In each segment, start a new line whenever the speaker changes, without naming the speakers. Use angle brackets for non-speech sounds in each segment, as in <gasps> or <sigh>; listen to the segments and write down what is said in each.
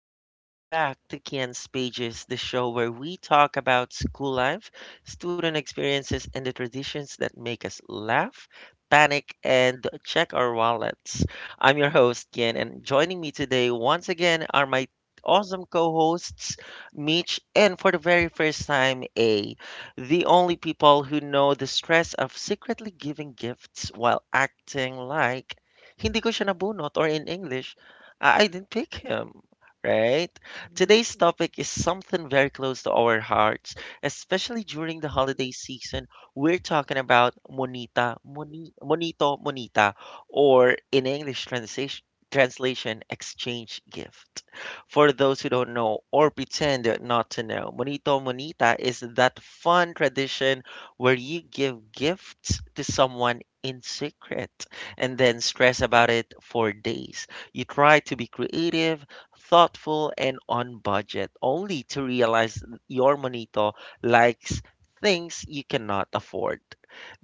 and welcome back to Kian's Pages, the show where we talk about school life, student experiences, and the traditions that make us laugh, panic, and check our wallets. I'm your host, Kian, and joining me today once again are my awesome co-hosts, Mitch, and for the very first time, A, the only people who know the stress of secretly giving gifts while acting like hindi ko siya nabunot, or in English, I didn't pick him, right? Today's topic is something very close to our hearts, especially during the holiday season. We're talking about monita, monito, monita, or in English translation, exchange gift. For those who don't know or pretend not to know, monito, monita is that fun tradition where you give gifts to someone in secret and then stress about it for days. You try to be creative, thoughtful, and on budget, only to realize your monito likes things you cannot afford.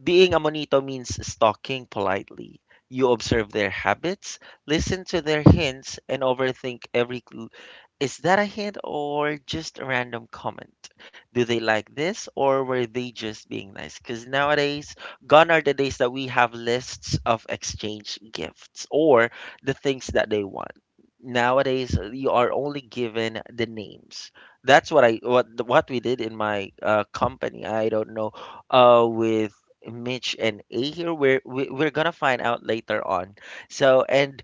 Being a monito means stalking politely. You observe their habits, listen to their hints, and overthink every clue. Is that a hint or just a random comment? Do they like this or were they just being nice? Because nowadays, gone are the days that we have lists of exchange gifts or the things that they want. Nowadays, you are only given the names. That's what I what we did in my company. I don't know, with Mitch and A here. We're gonna find out later on. So, and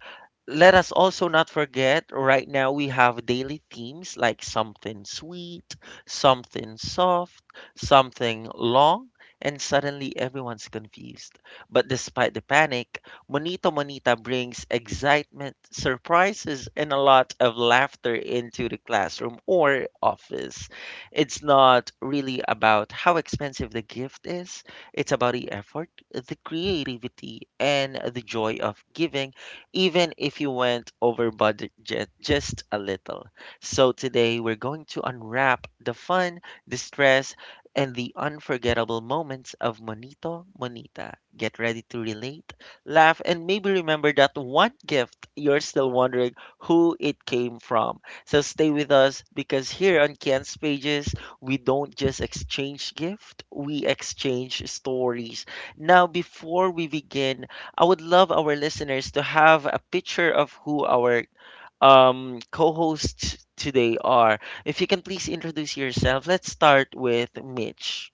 let us also not forget right now we have daily themes like something sweet, something soft, something long, and suddenly everyone's confused. But despite the panic, Monito Monita brings excitement, surprises, and a lot of laughter into the classroom or office. It's not really about how expensive the gift is. It's about the effort, the creativity, and the joy of giving, even if you went over budget just a little. So today we're going to unwrap the fun, the stress, and the unforgettable moments of Monito Monita. Get ready to relate, laugh, and maybe remember that one gift you're still wondering who it came from. So stay with us, because here on Ken's Pages, we don't just exchange gift, we exchange stories. Now, before we begin, I would love our listeners to have a picture of who our co-hosts today are. If you can, please introduce yourself. Let's start with Mitch.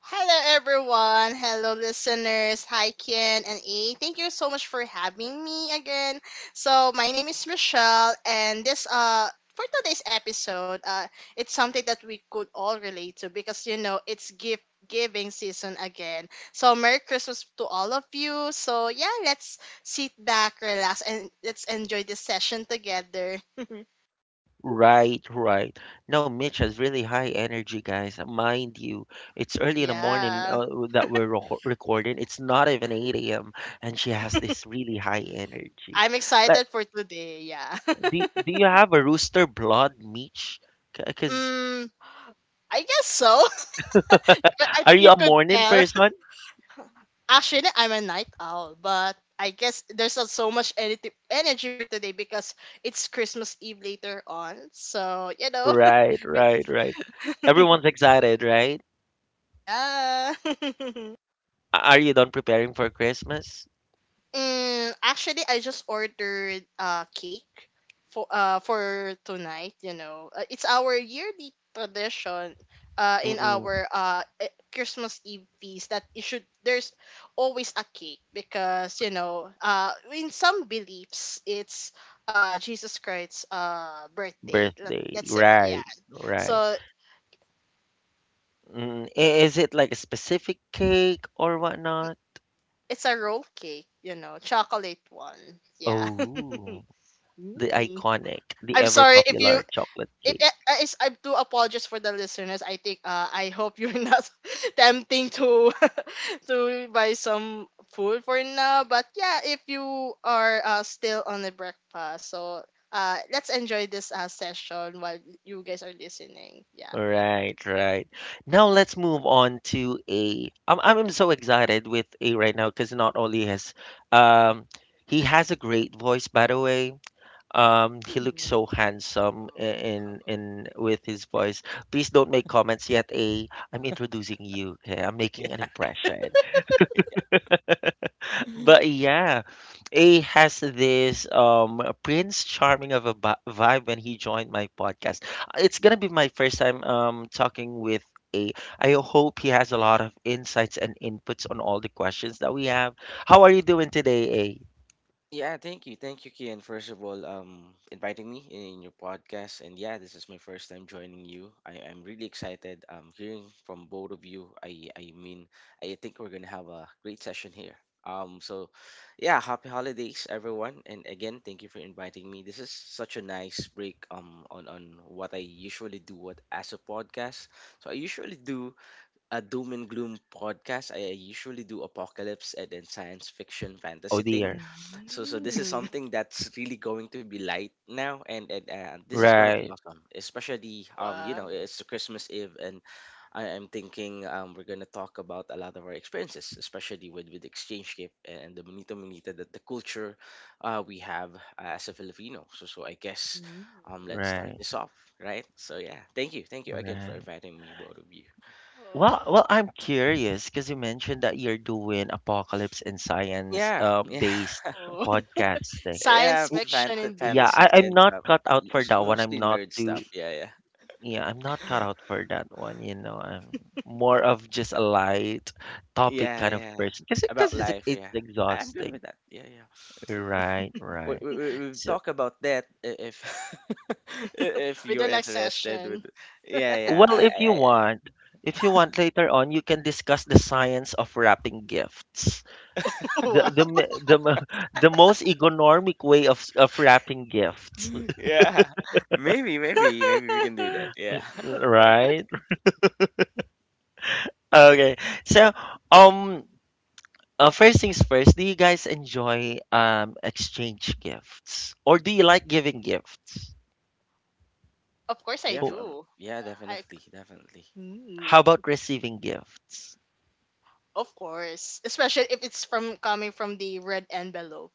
Hello, everyone. Hello, listeners. Hi, Ken and A. Thank you so much for having me again. So, my name is Michelle, and this for today's episode, it's something that we could all relate to because it's gift giving season again. So, Merry Christmas to all of you. So, yeah, let's sit back, relax, and let's enjoy this session together. <laughs>
Right, right. No, Mitch has really high energy, guys, mind you. It's early in the morning,
Yeah,
that we're recording. It's not even 8 a.m. And she has this really high energy.
I'm excited for today. Yeah.
Do,
<laughs>
do you have a rooster blood, Meech? Because
Mm, I guess so. <laughs> But I
are
think
you
you
a
could
morning
tell.
person?
<laughs> Actually, I'm a night owl, but I guess there's not so much energy for today because it's Christmas Eve later on. So.
Right, right, right. Everyone's
<laughs>
excited, right?
Yeah. <laughs>
Are you done preparing for Christmas?
Mm, actually, I just ordered cake for tonight. You know, it's our yearly tradition. In
Mm-mm.
our Christmas Eve feast, that it should there's always a cake because in some beliefs it's Jesus Christ's birthday. Let
Birthday,
let's say, yeah.
right, right.
So
Is it like a specific cake or whatnot?
it's a roll cake, chocolate one. Yeah. <laughs>
Oh, the
Mm.
iconic, the
I'm
ever
sorry. If you
popular chocolate
it
cake.
is I do apologize for the listeners. I hope you're not <laughs> tempting to <laughs> to buy some food for now. But yeah, if you are still on the breakfast, so let's enjoy this session while you guys are listening. Yeah.
Right, right. Now let's move on to A. I'm so excited with A right now, because not only has um he has a great voice, by the way. He looks
Mm.
so handsome,
Oh,
i-
<laughs> wow.
in in
Thank you.
with his
Thank you.
voice. Please don't make comments yet, A. I'm introducing you, okay? I'm making an
<laughs>
impression.
Yeah.
But yeah, A has this Prince Charming of a vibe when he joined my podcast. It's gonna be my first time talking with A. I hope he has a lot of insights and inputs on all the questions that we have. How are you doing today, A?
Yeah, thank you. Thank you, Kian, first of all, inviting me in your podcast. And yeah, this is my first time joining you. I'm really excited hearing from both of you. I mean, I think we're going to have a great session here. Um, so, yeah, happy holidays, everyone. And again, thank you for inviting me. This is such a nice break on what I usually do what, as a podcast. So, I usually do a doom and gloom podcast. I usually do apocalypse and then science fiction
Oh
fantasy thing.
dear.
So this is
Mm.
something that's really going to be light now, and this is going to be
Right,
awesome, especially you know
Wow.
it's Christmas Eve, and I'm thinking we're gonna talk about a lot of our experiences, especially with exchange gift and the bonito bonita that the culture we have as a Filipino. So I guess.
Mm.
Let's start
right,
this off, right? So yeah, thank you again for
right.
inviting me, both of you.
Well,
Oh.
well, I'm curious because you mentioned that you're doing apocalypse and science,
Yeah, yeah,
based
<laughs>
Oh. <laughs>
podcasting.
yeah.
Science fiction indeed.
Yeah, I,
Fantasies
I'm
and
not
stuff.
cut out for
Most
that one. I'm
mostly
not
nerd stuff.
too,
Yeah, yeah,
Yeah, I'm not cut out
<gasps>
for that one. You know, I'm more of just a light topic
yeah,
kind of
yeah.
person, because
About
it's
life.
it's
Yeah, I'm good
exhausting.
with that. Yeah, yeah.
Right,
We
right.
we we we'll
So,
talk about that if <laughs> if
With
you're
the next
interested.
session.
With yeah, yeah.
well, if you want, later on, you can discuss the science of wrapping gifts.
<laughs> Wow.
The me- the mo- <laughs> The most economic way of wrapping gifts,
<laughs> Yeah. <laughs> Maybe maybe maybe we can do that.
<laughs>
Yeah, <laughs>
right? Okay. So, um. First things first, do you guys enjoy exchange gifts, or do you like giving gifts?
Of course I
yeah,
Who-
for,
do.
yeah.
I
Definitely, definitely.
Mm,
How about receiving gifts?
of course, especially if it's from coming from the red envelope.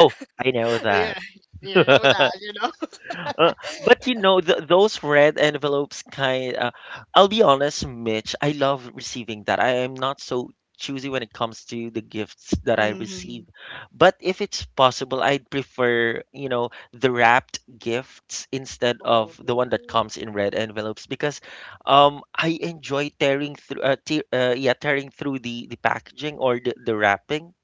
Oh, I know that.
Yeah, you know that.
<laughs>
<laughs>
Uh, but you know, th those red envelopes, kind I'll be honest, Mitch, I love receiving that. I am not so choosy when it comes to the gifts that I
Mm-hmm.
receive. But if it's possible, I'd prefer, you know, the wrapped gifts instead of
Oh.
the one that comes in red envelopes, because I enjoy tearing through te yeah, tearing through the packaging, or the wrapping.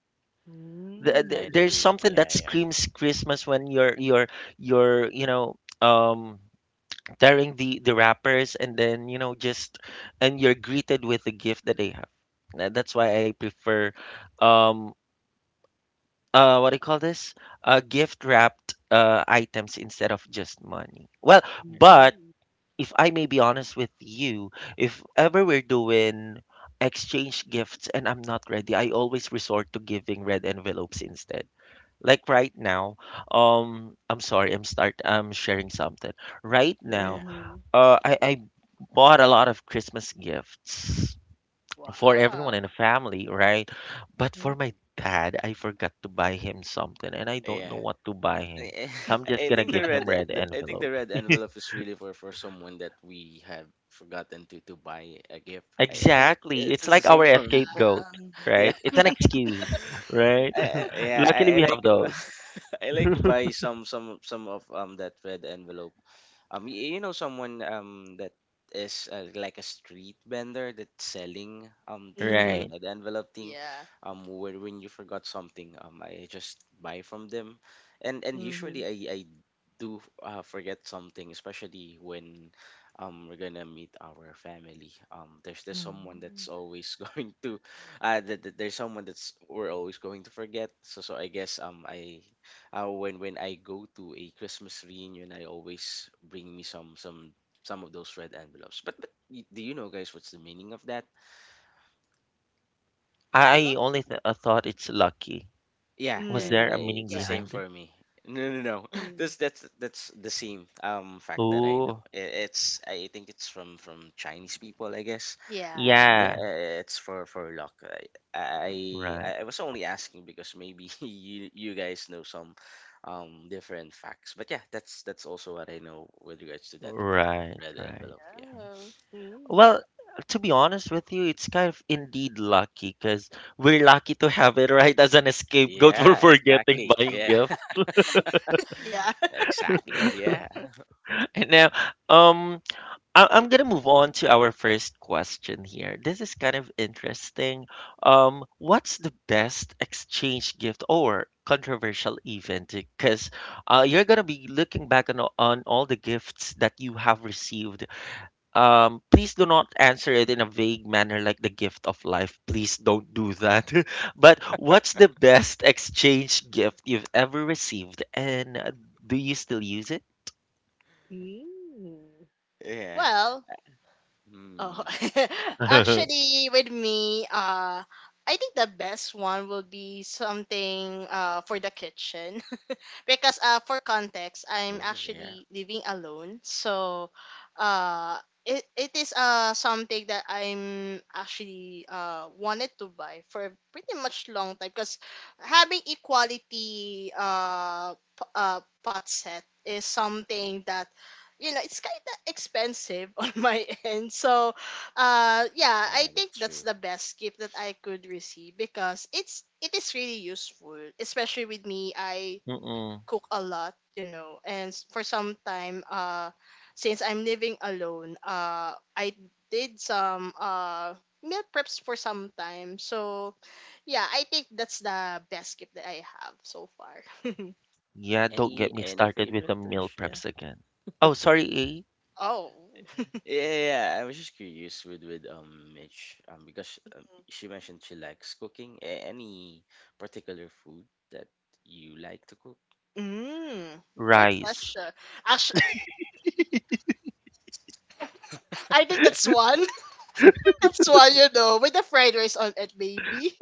I'd
There's
Mm.
agree.
something
Yeah,
that
yeah,
screams Christmas when you're tearing the wrappers, and then, just, and you're greeted with the gift that they have. That's why I prefer, um what do you call this, gift wrapped, items, instead of just money. Well,
yeah,
but
Hmm.
if I may be honest with you, if ever we're doing exchange gifts and I'm not ready, I always resort to giving red envelopes instead. Like right now, I'm sorry, I'm sharing something. Right
yeah,
now,
yeah.
I bought a lot of Christmas gifts for everyone
Wow.
in the family, right? But for
Mm-hmm.
my dad, I forgot to buy him something, and I don't know
Yeah.
what to buy him.
I
So I'm just
<laughs> I
gonna
think the
give him
red
red
the, I think the
envelope.
red envelope is really for someone that we have forgotten to buy a gift. I think
Exactly.
it's
It's
just the
like
same
our
for
Yeah.
me.
escape goat,
<laughs>
right?
Yeah.
It's an excuse, right? <laughs>
Yeah, I,
Luckily,
I
we have
like
those.
<laughs> I
<laughs>
like buy some of that red envelope you, you know someone that is like a street vendor that's selling the, you
Right?
Mm-hmm.
know, the envelope thing,
Yeah.
where when you forgot something, I just buy from them, and
Mm-hmm.
usually I do forget something, especially when we're gonna meet our family. There's someone
Mm-hmm.
that's always <laughs> going to, that that there's someone that's we're always going to forget. So I guess I when I go to a Christmas reunion, I always bring me some of those red envelopes. But do you know, guys, what's the meaning of that?
I
Lo-
only th- I thought it's lucky.
Yeah,
Was
yeah, yeah.
there
I,
a
Mm.
meaning
it's the same
Yeah.
behind it?
for me. <laughs> No, no, no. <laughs>
Mm.
That's the same fact that I know.
Oh,
It's I think it's from Chinese people, I guess.
Yeah.
And yeah,
yeah,
it's for luck.
right,
I was only asking because maybe <laughs> you guys know some different facts. But yeah, that's also what I know with regards to that
right,
red
right.
envelope. Yeah.
Oh. Mm-hmm.
Well, to be honest with you, it's kind of indeed lucky, because we're lucky to have it right as an scapegoat <laughs> for
Yeah,
forgetting
exactly.
buying
Yeah.
gift.
<laughs>
<laughs> Yeah.
Exactly. Yeah.
<laughs> And now, um, I'm gonna move on to our first question here. This is kind of interesting. What's the best exchange gift or controversial event? Because you're gonna be looking back on all the gifts that you have received. Please do not answer it in a vague manner, like the gift of life. Please don't do that. <laughs> But what's the best exchange gift you've ever received, and do you still use it?
Mm.
Yeah.
Well, oh,
Hmm.
<laughs>
<laughs>
actually, with me, I think the best one will be something for the kitchen, because for context, I'm
Oh yeah.
actually living alone, so uh it is something that I'm actually wanted to buy for a pretty much long time, because having equality pot set is something that it's kind of expensive <laughs> on my end, so yeah, I
Yeah,
think
that's
that's
true.
the best gift that I could receive, because it is really useful, especially with me. I
Mm-mm.
cook a lot. And for some time, since I'm living alone, I did some meal preps for some time. So, yeah, I think that's the best gift that I have so far. <laughs>
Yeah, don't get me
Any
started with
favorite
the meal
dish? Yeah.
preps again. Oh, sorry, A.
Oh,
Yeah, I was just curious with Mitch because she mentioned she likes cooking. Any particular food that you like to cook?
mm, good
Rice.
question. Actually, <laughs> I think that's one. <laughs> That's one, you know, with the fried rice on it, baby.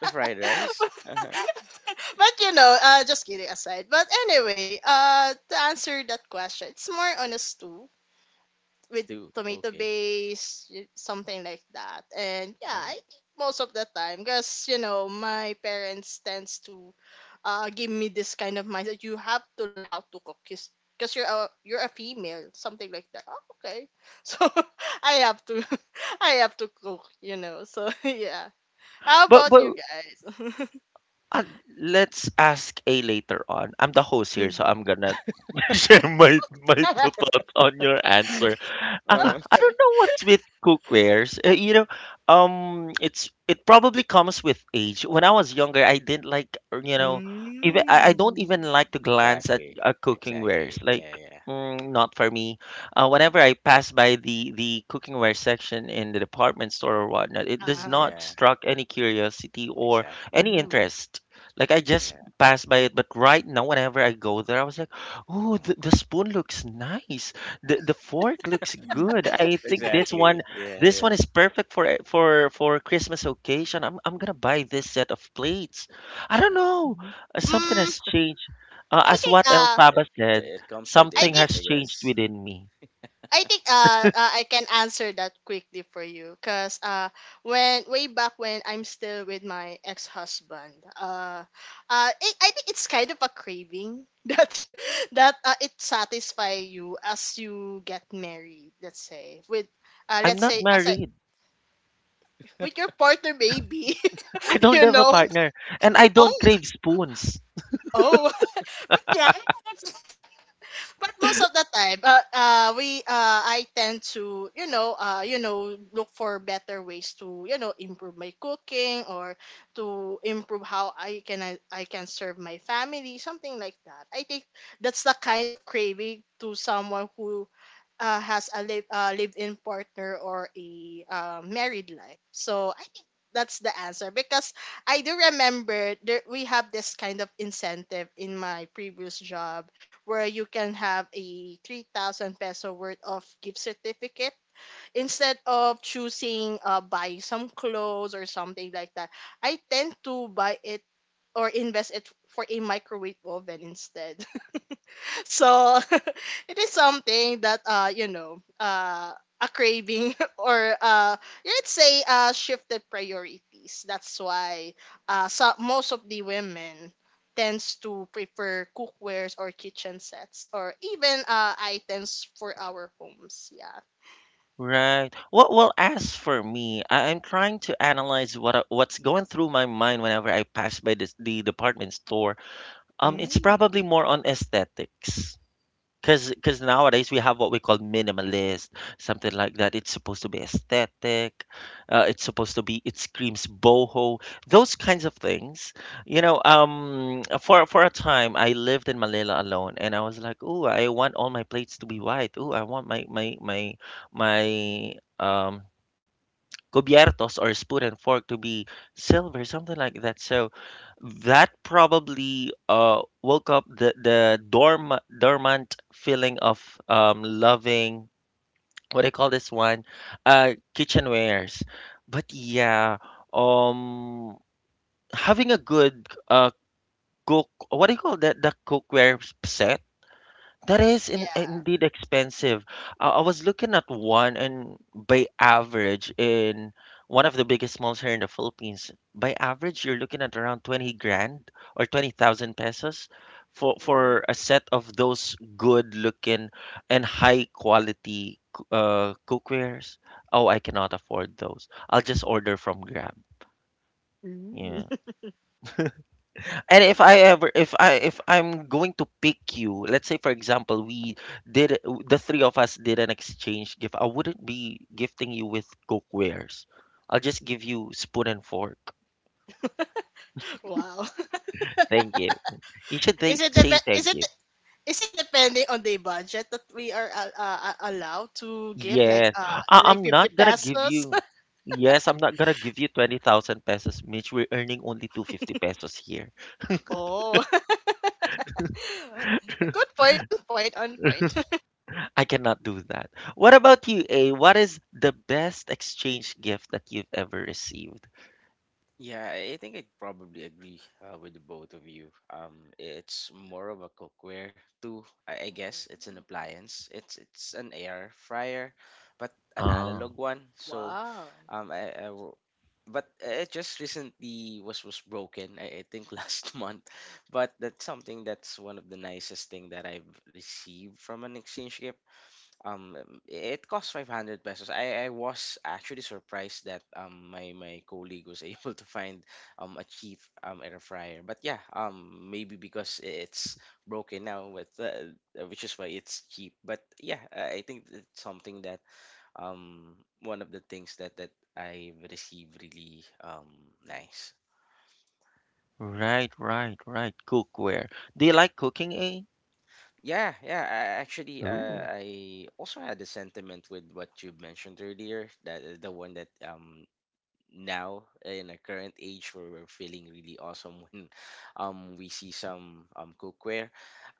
The fried
<laughs>
rice?
But
Uh-huh.
just kidding aside. But anyway, to answer that question, it's more on a stew, with
Stew.
tomato
Okay.
base, something like that. And yeah, I
Oh.
think most of the time, because my parents tends to give me this kind of mindset. You have to learn how to cook, 'cause you're a female, something like that. Oh, okay, <laughs> so I have to, <laughs> I have to cook. So <laughs> yeah, how
But
about you
but
guys?
uh, let's ask A later on. I'm the host here, so I'm gonna <laughs> share my thoughts on your
Mm.
answer.
Uh-huh.
I
<laughs>
don't
Okay.
know what's with cookwares. You know, it probably comes with age. When I was younger, I didn't like, you know, even I don't
Mm.
even like to glance at,
Exactly.
cooking wares.
Exactly.
Like,
Yeah, yeah.
not for me. Whenever I pass by the cookware section in the department store or whatnot, it does
Uh-huh.
not
Yeah,
struck any curiosity or
exactly.
any
Mm.
interest. Like I just
Yeah.
pass by it, but right now, whenever I go there, I was like, oh, the spoon looks nice. The fork looks
Mm.
good. I
<laughs>
think this one
Exactly. Yeah,
this
yeah.
one is perfect for a- for for Christmas occasion. I'm gonna buy this set of plates. I don't
Uh-huh.
know.
Mhm.
Something
Mm,
has changed.
I
As
think
what
it
Elphaba said,
it comes with
I
something
age,
think
I
has changed
guess.
within me.
I think I can answer that quickly for you because when way back when I'm still with my ex husband. uh I think it's kind of a craving <laughs> that it satisfy you as you get married, let's say with
I'm
let's
not
say as I
married.
with your partner, baby.
I
<laughs>
don't
you
have a
know
partner, and I don't
oh,
crave spoons.
oh. <laughs> But yeah, I think that's but most of the time, I tend to, look for better ways to improve my cooking, or to improve how I can serve my family, something like that. I think that's the kind of craving to someone who has a live-in partner or a married life. So I think that's the answer, because I do remember there, we have this kind of incentive in my previous job where you can have a 3,000 peso worth of gift certificate instead of choosing buying some clothes or something like that. I tend to buy it or invest it for a microwave oven instead. <laughs> So <laughs> it is something that a craving, <laughs> or let's say shifted priorities. That's why so most of the women tends to prefer cookwares or kitchen sets, or even items for our homes, yeah.
Right. Well, as for me, I'm trying to analyze what's going through my mind whenever I pass by the department store. It's probably
Mm.
more on aesthetics. Cause nowadays we have what we call minimalist, something like that. It's supposed to be aesthetic. It's supposed to be. It screams boho. Those kinds of things. You know, for a time I lived in Manila alone, and I was like, ooh, I want all my plates to be white. Ooh, I want my um cubiertos or spoon and fork to be silver, something like that. So that probably, woke up the dormant feeling of, loving, what do you call this one, kitchenwares. But yeah, um, having a good, cook what do you call that, the cookware set, that is
Yeah.
indeed expensive. I was looking at one, and by average, in one of the biggest malls here in the Philippines, by average, you're looking at around 20 grand, or 20,000 pesos, for,
Oh.
for a set of those good looking and high quality, cookwares. Oh, I cannot afford those. I'll just order from Grab.
Mm.
Yeah. And if I ever, if I, if I'm going to pick you, let's say for example, we did the three of us did an exchange gift. I wouldn't be gifting you with cookwares. I'll just give you spoon and fork.
<laughs> Wow.
Thank you. You should
<laughs> is it the
say
be- is
thank
it
you.
Is it depending on the budget that we are allowed to give, like
Yes, I- I'm
50
not gonna give
pesos? <laughs>
you. Yes, I'm not gonna give you 20,000 pesos, Mitch. We're earning only 250 pesos here.
Oh, <laughs> good point. On point. On point. <laughs>
I cannot do that. What about you, A? What is the best exchange gift that you've ever received?
Yeah, I think I'd probably agree with the both of you. It's more of a cookware too. I guess it's an
Mm.
appliance. It's an air fryer, but an
Ah.
analog one. So,
Wow.
um, I, I w- but it just recently was broken. I think <laughs> last month, but that's something that's one of the nicest thing that I've received from an exchange gift um it cost 500 pesos i was actually surprised that my my colleague was <laughs> able to find a cheap air fryer but yeah maybe because it's broken now with which is why it's cheap but yeah I think it's something that um one of the things that that I received really nice.
Right, right, right. Cookware. Do you like cooking, eh?
Yeah yeah I, actually
Ooh.
I also had a sentiment with what you mentioned earlier that the one that now in a current age where we're feeling really awesome <laughs> when we see some cookware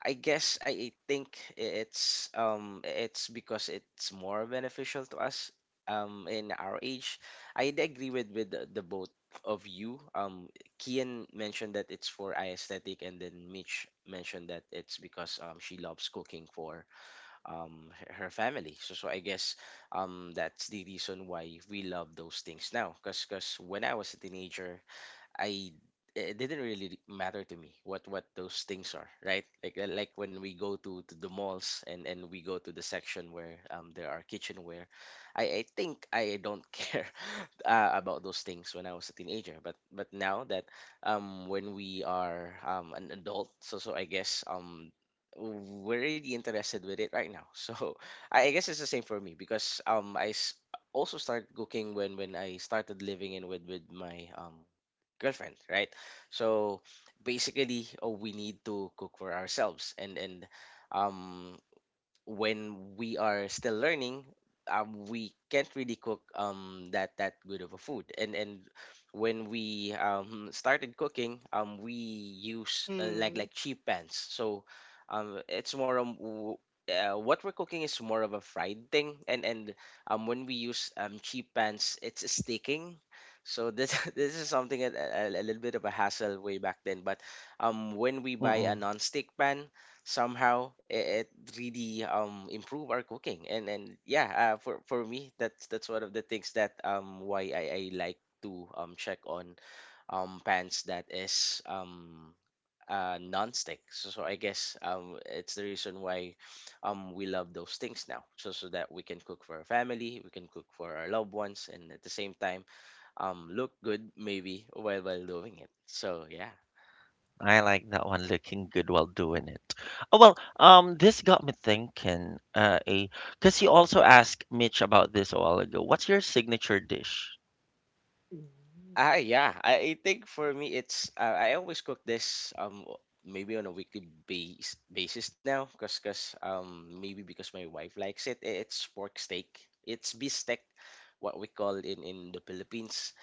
I guess I think it's because it's more beneficial to us in our age. I'd agree with the both of you. Kian mentioned that it's for aesthetic and then Mitch mentioned that it's because she loves cooking for her, her family so so I guess that's the reason why we love those things now because when I was a teenager I it didn't really matter to me what those things are, right? Like when we go to the malls and we go to the section where there are kitchenware, I think I don't care <laughs> about those things when I was a teenager. But now that when we are an adult, so so I guess we're really interested with it right now. <laughs> So I guess it's the same for me because also started cooking when I started living in with my girlfriend, right? So basically, oh, we need to cook for ourselves, and um, when we are still learning, we can't really cook that that good of a food. And when we started cooking, we use
Mm.
like cheap pans. So it's more what we're cooking is more of a fried thing. And when we use cheap pans, it's sticking. So this <laughs> this is something a little bit of a hassle way back then. But when we buy a
Mm-mm.
non-stick pan somehow it, it really improve our cooking and yeah for me that's one of the things that why I like to check on pans that is non-stick so, so I guess it's the reason why we love those things now so so that we can cook for our family we can cook for our loved ones and at the same time look good maybe while doing it so yeah.
I like that one looking good while doing it. Oh, well, this got me thinking, because you also asked Mitch about this a while ago. What's your signature dish?
Mm.
Ah, yeah. I think for me, it's I always cook this maybe on a weekly base basis now, cause cause maybe because my wife likes it. It's pork steak. It's beef steak, what we call in the Philippines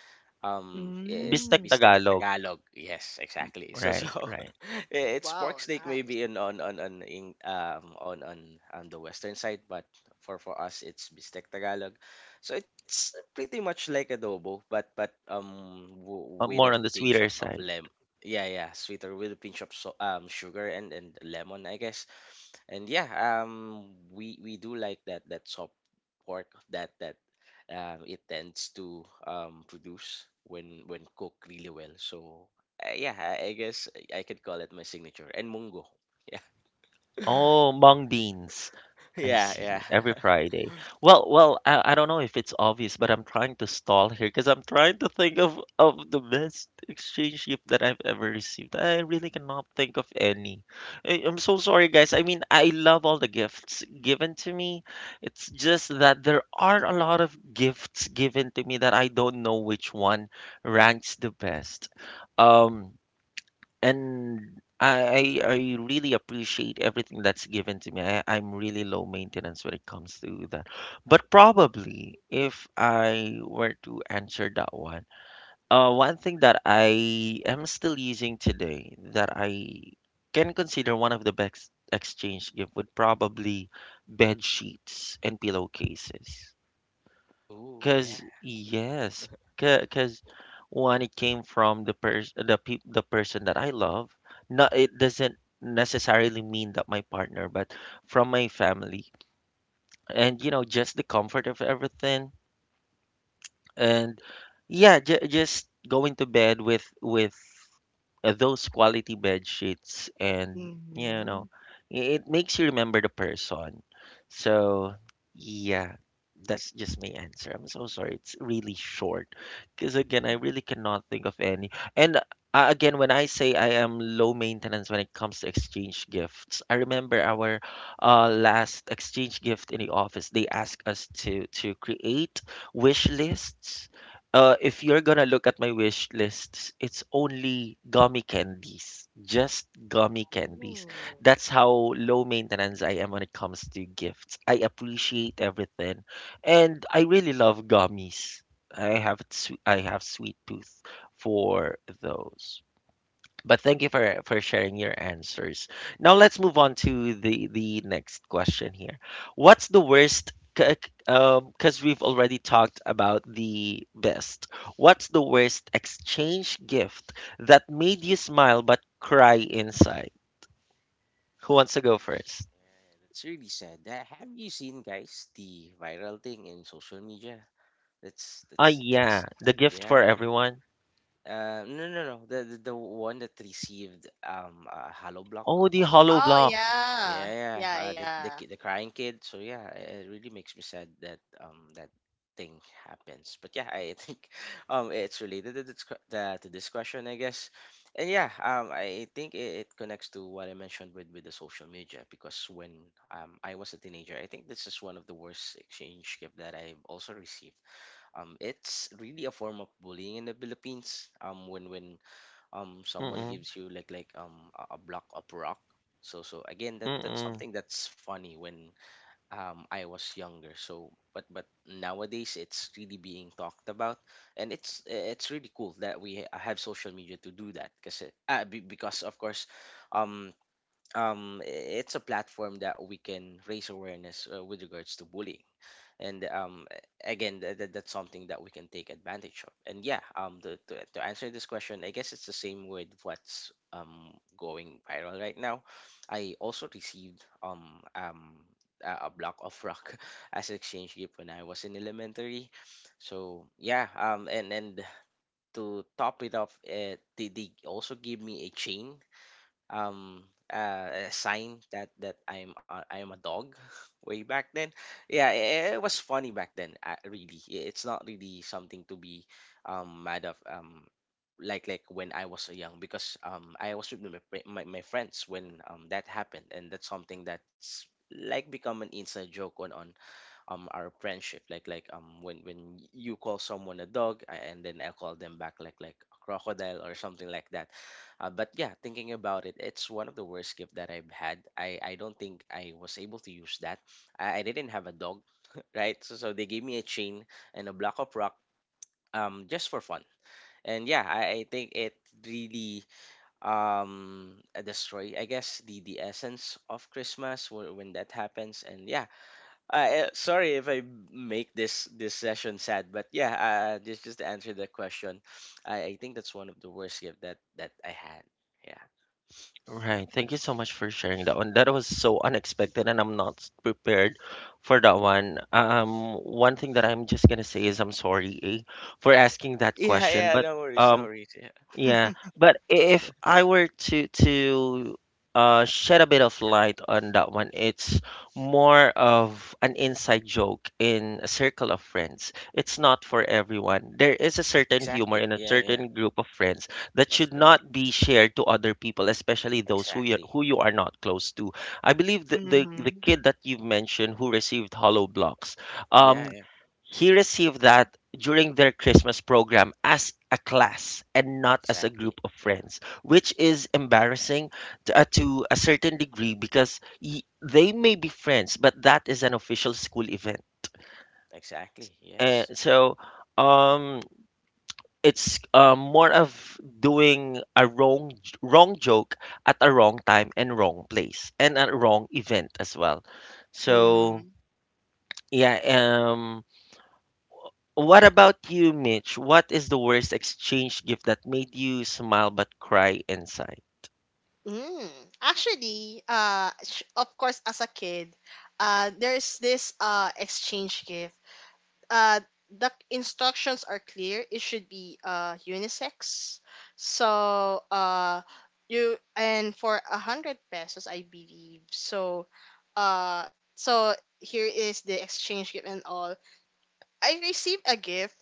it,
Bistek
Mm.
bistek
Tagalog.
Tagalog. Yes, exactly. So so
Right,
<laughs>
right.
it's pork
Wow.
steak
Nice.
maybe in on in, on on the western side, but for us it's bistek Tagalog. So it's pretty much like adobo, but
Uh,
with
more
a
on the
pinch
sweeter
of
side.
lem. Yeah, yeah, sweeter with a pinch of sugar and lemon, I guess. And yeah, we do like that that soft pork that that it tends to produce when cooked really well. So yeah, I guess I could call it my signature and mungo. Yeah, <laughs>
Oh, mung beans. I
yeah,
see.
yeah.
Every
<laughs>
Friday. Well, I don't know if it's obvious, but I'm trying to stall here because I'm trying to think of the best exchange gift that I've ever received. I really cannot think of any. I'm so sorry, guys. I mean, I love all the gifts given to me. It's just that there are a lot of gifts given to me that I don't know which one ranks the best. Um, and I really appreciate everything that's given to me. I'm really low maintenance when it comes to that. But probably, if I were to answer that one, one thing that I am still using today that I can consider one of the best exchange gift would probably bed sheets and pillowcases.
Oh
Cause
yeah.
yes, because when it came from the person that I love, not, it doesn't necessarily mean that my partner, but from my family, and just the comfort of everything, and yeah, j just going to bed with those quality bed sheets, and you
Mm-hmm.
know it, it makes you remember the person, so yeah, that's just my answer. I'm so sorry, it's really short, because again, I really cannot think of any. And again, when I say I am low maintenance when it comes to exchange gifts, I remember our last exchange gift in the office. They asked us to create wish lists. If you're gonna look at my wish lists, it's only gummy candies, just gummy candies. That's how low maintenance I am when it comes to gifts. I appreciate everything, and I really love gummies. I have sweet tooth for those. But thank you for sharing your answers. Now let's move on to the next question here. What's the worst? Because we've already talked about the best. What's the worst exchange gift that made you smile but cry inside? Who wants to go
Oh, no.
first?
Yeah, that's really sad. Have you seen guys the viral thing in social media?
Ah,
That's
yeah, the gift
yeah.
for
The,
everyone.
no no no the, the one that received a hollow block
Oh, the
on.
hollow
Oh
block.
yeah.
Yeah, yeah.
Yeah.
The
Yeah.
the crying kid. So yeah, it really makes me sad that that thing happens. But yeah, I think <laughs> it's related to this to this question, I guess. And yeah, I think it, it connects to what I mentioned with the social media because when I was a teenager, I think this is one of the worst exchange gift that I've also received. It's really a form of bullying in the Philippines. When someone
Mm-mm,
gives you like a block of rock. So again, that's
mm-mm.
something that's funny when I was younger. But nowadays it's really being talked about, and it's really cool that we have social media to do that because, because of course, um um it's a platform that we can raise awareness with regards to bullying. And again, that's something that we can take advantage of. And yeah, to answer this question, I guess it's the same with what's going viral right now. I also received a block of rock <laughs> as exchange gift when I was in elementary. So yeah, and to top it off, they also gave me a chain, um a sign that I'm a dog <laughs> way back then. Yeah, it was funny back then. Really, it's not really something to be mad of, like when I was young, because I was with my friends when that happened, and that's something that's like become an inside joke on our friendship, like you call someone a dog, and then I call them back like a crocodile or something like that. But yeah, thinking about it, it's one of the worst gift that I've had. I don't think I was able to use that. I didn't have a dog. <laughs> Right, so they gave me a chain and a block of rock just for fun. And yeah, I think it really destroy, I guess, the essence of Christmas when that happens. And yeah, sorry if I make this session sad, but yeah, just to answer that question, I think that's one of the worst gift that I had. Yeah.
Right. Thank you so much for sharing that one. That was so unexpected, and I'm not prepared for that one. One thing that I'm just gonna say is I'm sorry, for asking that
Yeah,
question,
yeah.
but
No worries, no
um,
worries. Yeah.
yeah, but if I were to shed a bit of light on that one, it's more of an inside joke in a circle of friends. It's not for everyone. There is a certain humor
Exactly.
in a
Yeah, yeah.
certain group of friends that
That's
should
correct.
not be shared to other people, especially those who you
Exactly.
are not close to. I believe the
Mm-hmm.
kid that you've mentioned who received hollow blocks, um,
Yeah, yeah.
he received that during their Christmas program as a class and not as a group
Exactly.
of
Yeah.
friends, which is embarrassing to a certain degree, because they may be friends, but that is an official school event.
Exactly.
And
Yes.
so, um, it's more of doing a wrong joke at a wrong time and wrong place and a wrong event as well. So
Mm-hmm.
yeah. What about you, Mitch? What is the worst exchange gift that made you smile but cry inside?
Mm. Actually, of course, as a kid, there's this exchange gift. Uh, the instructions are clear. It should be unisex. So you and for 100 pesos, I believe. Uh, so, here is the exchange gift and all. I received a gift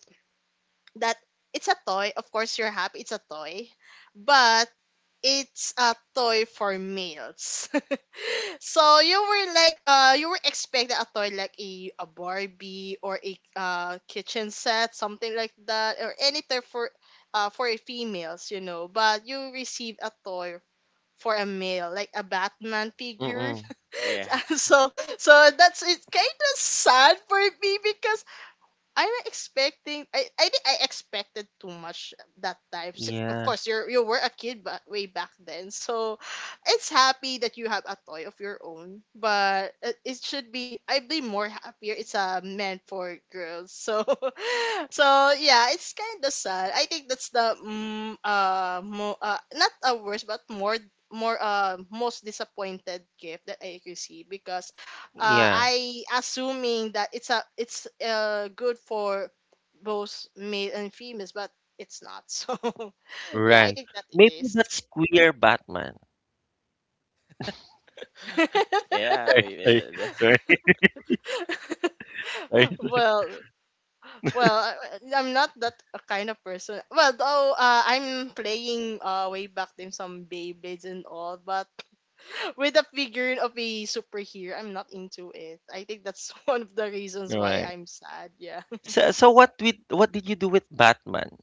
that it's a toy. Of course, you're happy. It's a toy, but it's a toy for males. <laughs> So you were expecting a toy, like a Barbie or a kitchen set, something like that, or anything for a females but you receive a toy for a male, like a Batman figure.
Mm-mm.
Yeah.
<laughs> so so, that's it kind of sad for me, because I'm expecting. I think I expected too much that time. Of
Yeah,
course, you were a kid, but way back then, so it's happy that you have a toy of your own. But it should be. I'd be more happier. It's a meant for girls. So, <laughs> so yeah, it's kind of sad. I think that's the not a worst, but more more most disappointed gift that I received, because
yeah,
I assuming that it's a it's good for both male and females, but it's not. <laughs> So yeah, I
right.
think that it
Maybe
is.
that's queer Batman.
<laughs> Yeah.
Sorry,
Maybe
sorry, sorry,
<laughs>
sorry.
Well, well, I, I'm not that a kind of person. Well, though I'm playing way back then some Beyblades and all, but <laughs> with a figure of a superhero, I'm not into it. I think that's <laughs> one of the reasons why
Right.
I'm sad. Yeah,
So, what with what did you do with Batman?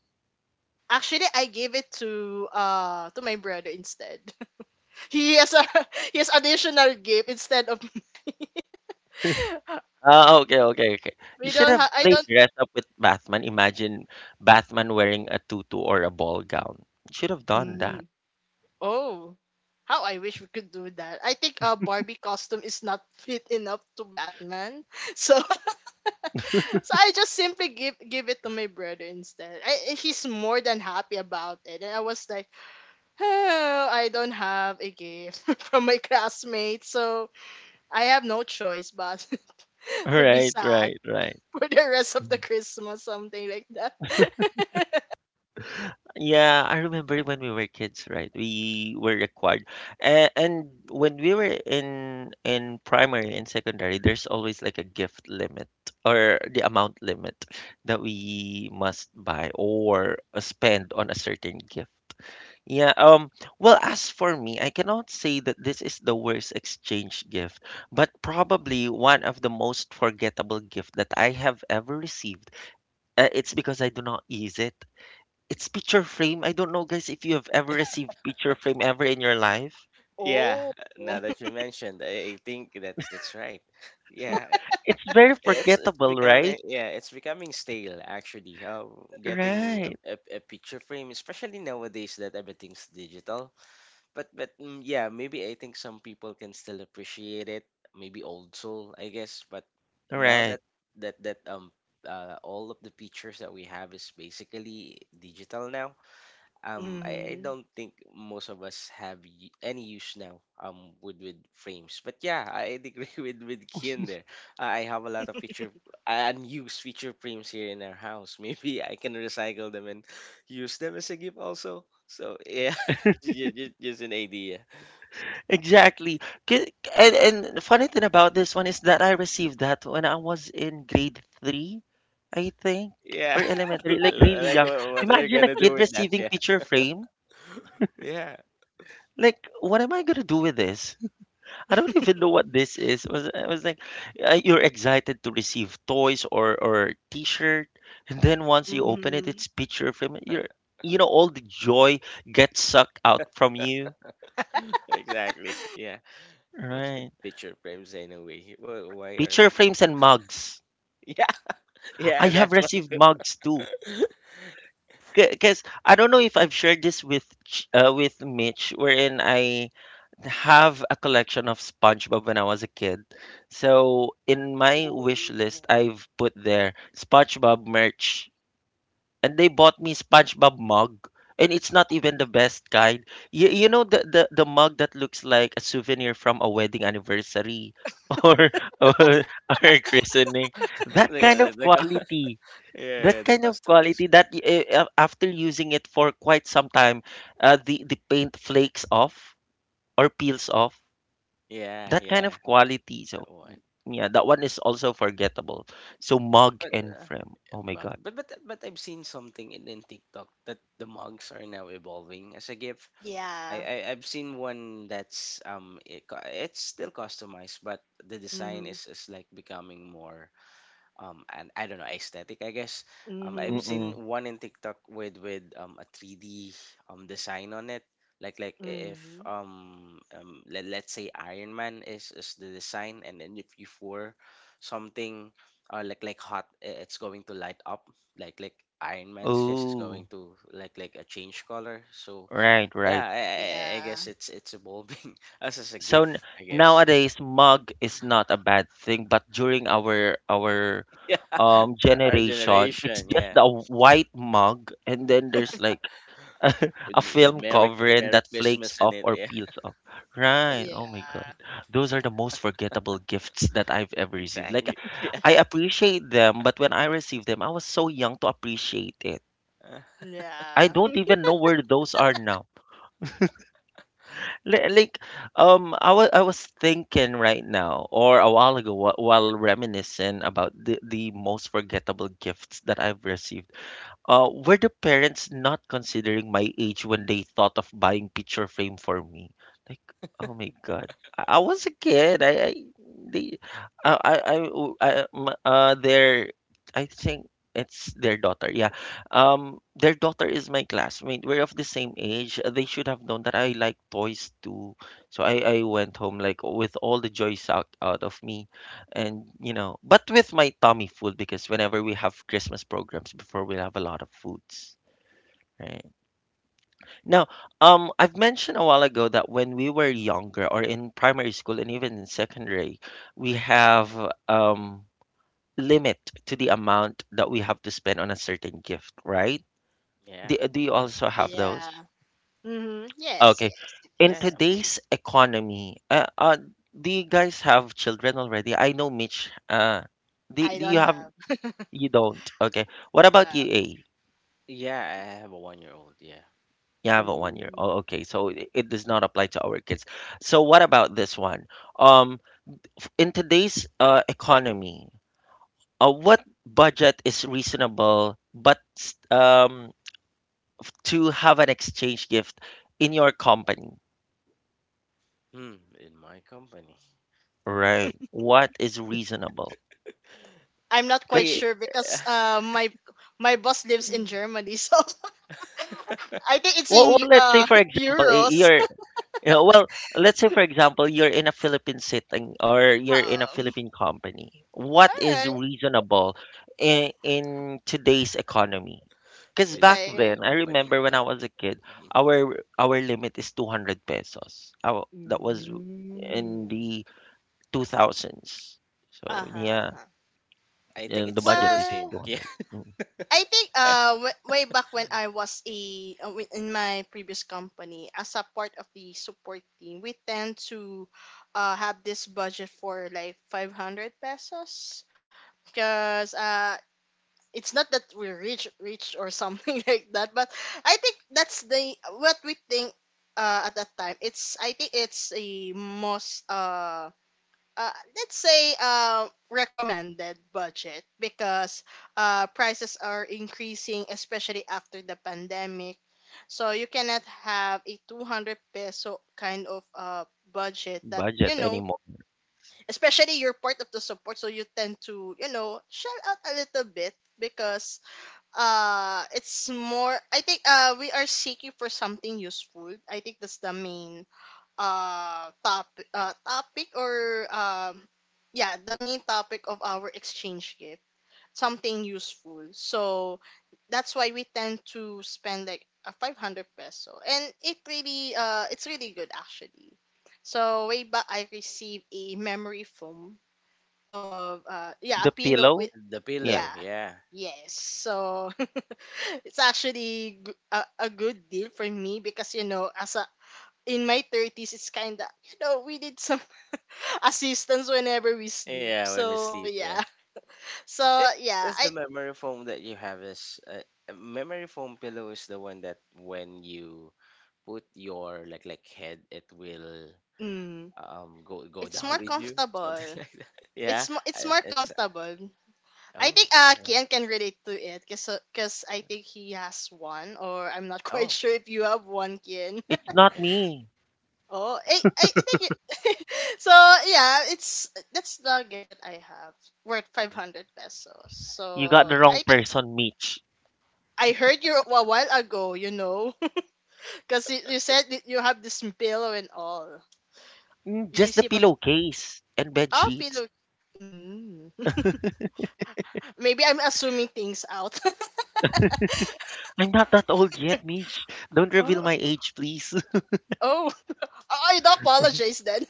<laughs> actually, I gave it to my brother instead. He has a <laughs> he has additional gift instead of <laughs>
Ah, okay, okay, okay. You
we
should
don't
have
have. I
played
don't
dress up with Batman. Imagine Batman wearing a tutu or a ball gown. You should have done that.
mm, oh, how I wish we could do that. I think a Barbie costume is not <laughs> fit enough to Batman, <laughs> so <laughs> so I just simply give it to my brother instead. He's more than happy about it, and I was like, oh, I don't have a gift <laughs> from my classmates, so I have no choice but <laughs> to be
Right,
sad
right, right.
<laughs> for the rest of the Christmas, something like that.
Yeah, I remember when we were kids, right? We were required, and when we were in primary and secondary, there's always like a gift limit or the amount limit that we must buy or spend on a certain gift. Yeah, well, as for me, I cannot say that this is the worst exchange gift, but probably one of the most forgettable gift that I have ever received. It's because I do not use it. It's picture frame. I don't know, guys, if you have ever received picture frame ever in your life.
<laughs>
<laughs> yeah.
Oh.
Now
<laughs>
that you mentioned, I think that's right. <laughs> Yeah.
It's very
It's
forgettable,
becoming,
right?
yeah, it's becoming stale actually. Getting
Right.
a picture frame, especially nowadays that everything's digital. Yeah, maybe I think some people can still appreciate it. Maybe old soul, I guess. But now
Right.
that that that all of the pictures that we have is basically digital now. I
Mhm.
don't think most of us have any use now with frames. But yeah, I <laughs> agree with Kian there. I have a lot of feature unused feature frames here in our house. <laughs> Maybe I can recycle them and use them as a gift also. So yeah, <laughs> just an idea.
Exactly. And the funny thing about this one is that I received that when I was in grade three, I think,
Yeah,
or
<laughs>
elementary, like really
like
young.
what are you
Imagine a
gonna do
kid
with that?
receiving
Yeah,
picture frame.
<laughs> yeah.
Like, what am I gonna do with this? I don't even know what this is. It was I was like, you're excited to receive toys or T-shirt, and then once you open it,
Mhm.
it's picture frame. You're you know all the joy gets sucked out from you,
<laughs> Exactly. Yeah, what's with
right?
picture frames anyway? Why are
Picture
people,
frames and mugs.
<laughs> yeah,
I
yeah,
have
that's one.
received mugs too. Because I don't know if I've shared this with Mitch, wherein I have a collection of SpongeBob when I was a kid. So in my wish list,
Ooh.
I've put there SpongeBob merch, and they bought me SpongeBob mug, and it's not even the best kind. You know the mug that looks like a souvenir from a wedding anniversary <laughs> or or, or a christening. That
The
kind of
the the cu-
quality.
<laughs> yeah, yeah,
That
the
kind of
customized
quality that,
one.
after using it for quite some time, the paint flakes off or peels off.
Yeah,
That kind
yeah,
of quality. So
that one.
yeah, that one is also forgettable. So mug
But
and frame. Oh my
Mug.
God.
But I've seen something in TikTok that the mugs are now evolving as a gift.
Yeah.
I've seen one that's it's still customized, but the design
Mhm.
is like becoming more, and I don't know, aesthetic, I guess.
Mhm.
I've
Mm-mm.
seen one in TikTok with a 3D design on it, like if
Mhm.
let, let's say Iron Man is the design, and then if you pour something, like hot, it's going to light up, like Iron Man's just is going
Oh,
to, like a change color. So
right, right.
yeah, I
Yeah.
guess it's evolving <laughs> as a
So,
gift, I guess.
nowadays, mug is not a bad thing, but during our our
<laughs> Yeah,
um
our
generation, it's
generation.
just
Yeah.
a white mug, and then there's like <laughs>
with
a
with
film
Merry
covering
Merry
that flakes
Christmas in
off
it.
or
Yeah.
peels off. Right. Oh my God.
Yeah.
Those are the most forgettable gifts that I've
<laughs>
ever received. Like,
Exactly. <laughs>
I appreciate them, but when I received them, I was so young to appreciate it.
Yeah.
I
Yeah.
don't
<laughs>
even know where those are now. Like, I was thinking right now, or a while ago, while reminiscing about the most forgettable gifts that I've received, were the parents not considering my age when they thought of buying picture frame for me? Like, oh my God, I was a kid. I they, I, w- I- I think it's their daughter. Yeah, their daughter is my classmate. We're of the same age. They should have known that I like toys too. So I went home like with all the joy sucked out of me, and but with my tummy food, because whenever we have Christmas programs, before, we'll have a lot of foods, right? Now, I've mentioned a while ago that when we were younger, or in primary school and even in secondary, we have, um limit to the amount that we have to spend on a certain gift, right?
Yeah.
Do you
Mhm.
also have those?
Yeah. Mhm. Yes,
Okay.
yes.
In
Yeah, yeah, I do.
today's economy, do you guys have children already? I know, Mitch, do,
I
do
don't
you have?
have.
You don't. Okay. What about you,
Uh,
A?
Yeah, I have a 1-year-old. Yeah.
You have a 1 year. Oh, okay. So it does not apply to our kids. So what about this one? Um, in today's economy, what budget is reasonable, but to have an exchange gift in your company,
Hmm, in my company.
right? What is reasonable?
I'm not
Because,
quite
Yeah.
sure because my boss lives in
<laughs>
Germany, <laughs> so I think it's in
well, well, let's say for
<laughs>
example, eh,
euros.
you
<laughs>
Yeah, well, let's say for example, you're in a Philippine sitting, or you're in a
Oh.
Philippine company.
All
What
Mhm.
is
right.
reasonable in today's economy? Because back
Philippine
Okay.
then, I
company.
remember when
Huh?
I was a kid,
Mhm.
our limit is 200 pesos. That was in
Mm.
the 2000s. So
Uh-huh.
yeah,
Uh-huh.
I think
and
it's
the
still
budget
the
is
same.
Well,
<laughs> Yeah.
200. Mm.
I think
<laughs>
way back when I was a in my previous company as a part of the support team, we tend to have this budget for like 500 pesos, because it's not that we're rich rich or something <laughs> like that, but I think that's the what we think at that time. It's I think it's a most let's say recommended budget because prices are increasing, especially after the pandemic, so you cannot have a 200 peso kind of budget that
Budget anymore.
especially you're part of the support, so you tend to shell out a little bit because it's more, I think we are seeking for something useful. I think that's the main uh top topic or yeah, the main topic of our exchange gift, something useful. So that's why we tend to spend like a 500 peso, and it really it's really good actually. So way back, I received a memory foam of yeah, a
The
pillow with
pillow,
The
yeah.
yeah.
pillow. Yeah,
Yes, so <laughs> it's actually a good deal for me because you know, as a in my 30s, it's kind of, you know, we need some <laughs> assistance whenever we sleep,
yeah. When we
so
sleep. Yeah.
yeah. So
It
yeah,
is
I
the memory foam that you have, is memory foam pillow, is the one that when you put your like head, it will
mm,
go <laughs>
it's
down
more
with you, something
comfortable.
<laughs> like that. Yeah.
It's more
It's...
comfortable. I
oh,
think
all right.
Kian can relate to it because I think he has one, or I'm not <laughs> quite
Oh,
sure if you have one, Kian.
It's not
yeah,
me.
<laughs> I think it, <laughs> so yeah, it's that's the gift that I have, worth 500 pesos,
You got
so
the wrong
I think
person, Mitch.
I heard you a while ago, you know. Because you said that you have this pillow and all. You
Just the
receive a
pillowcase and bed
oh
sheets.
pillow. Mm. Maybe I'm assuming things out.
I'm not that old yet, Mish. Don't
<laughs>
reveal
oh,
my age, please.
oh, oh, I do apologize then.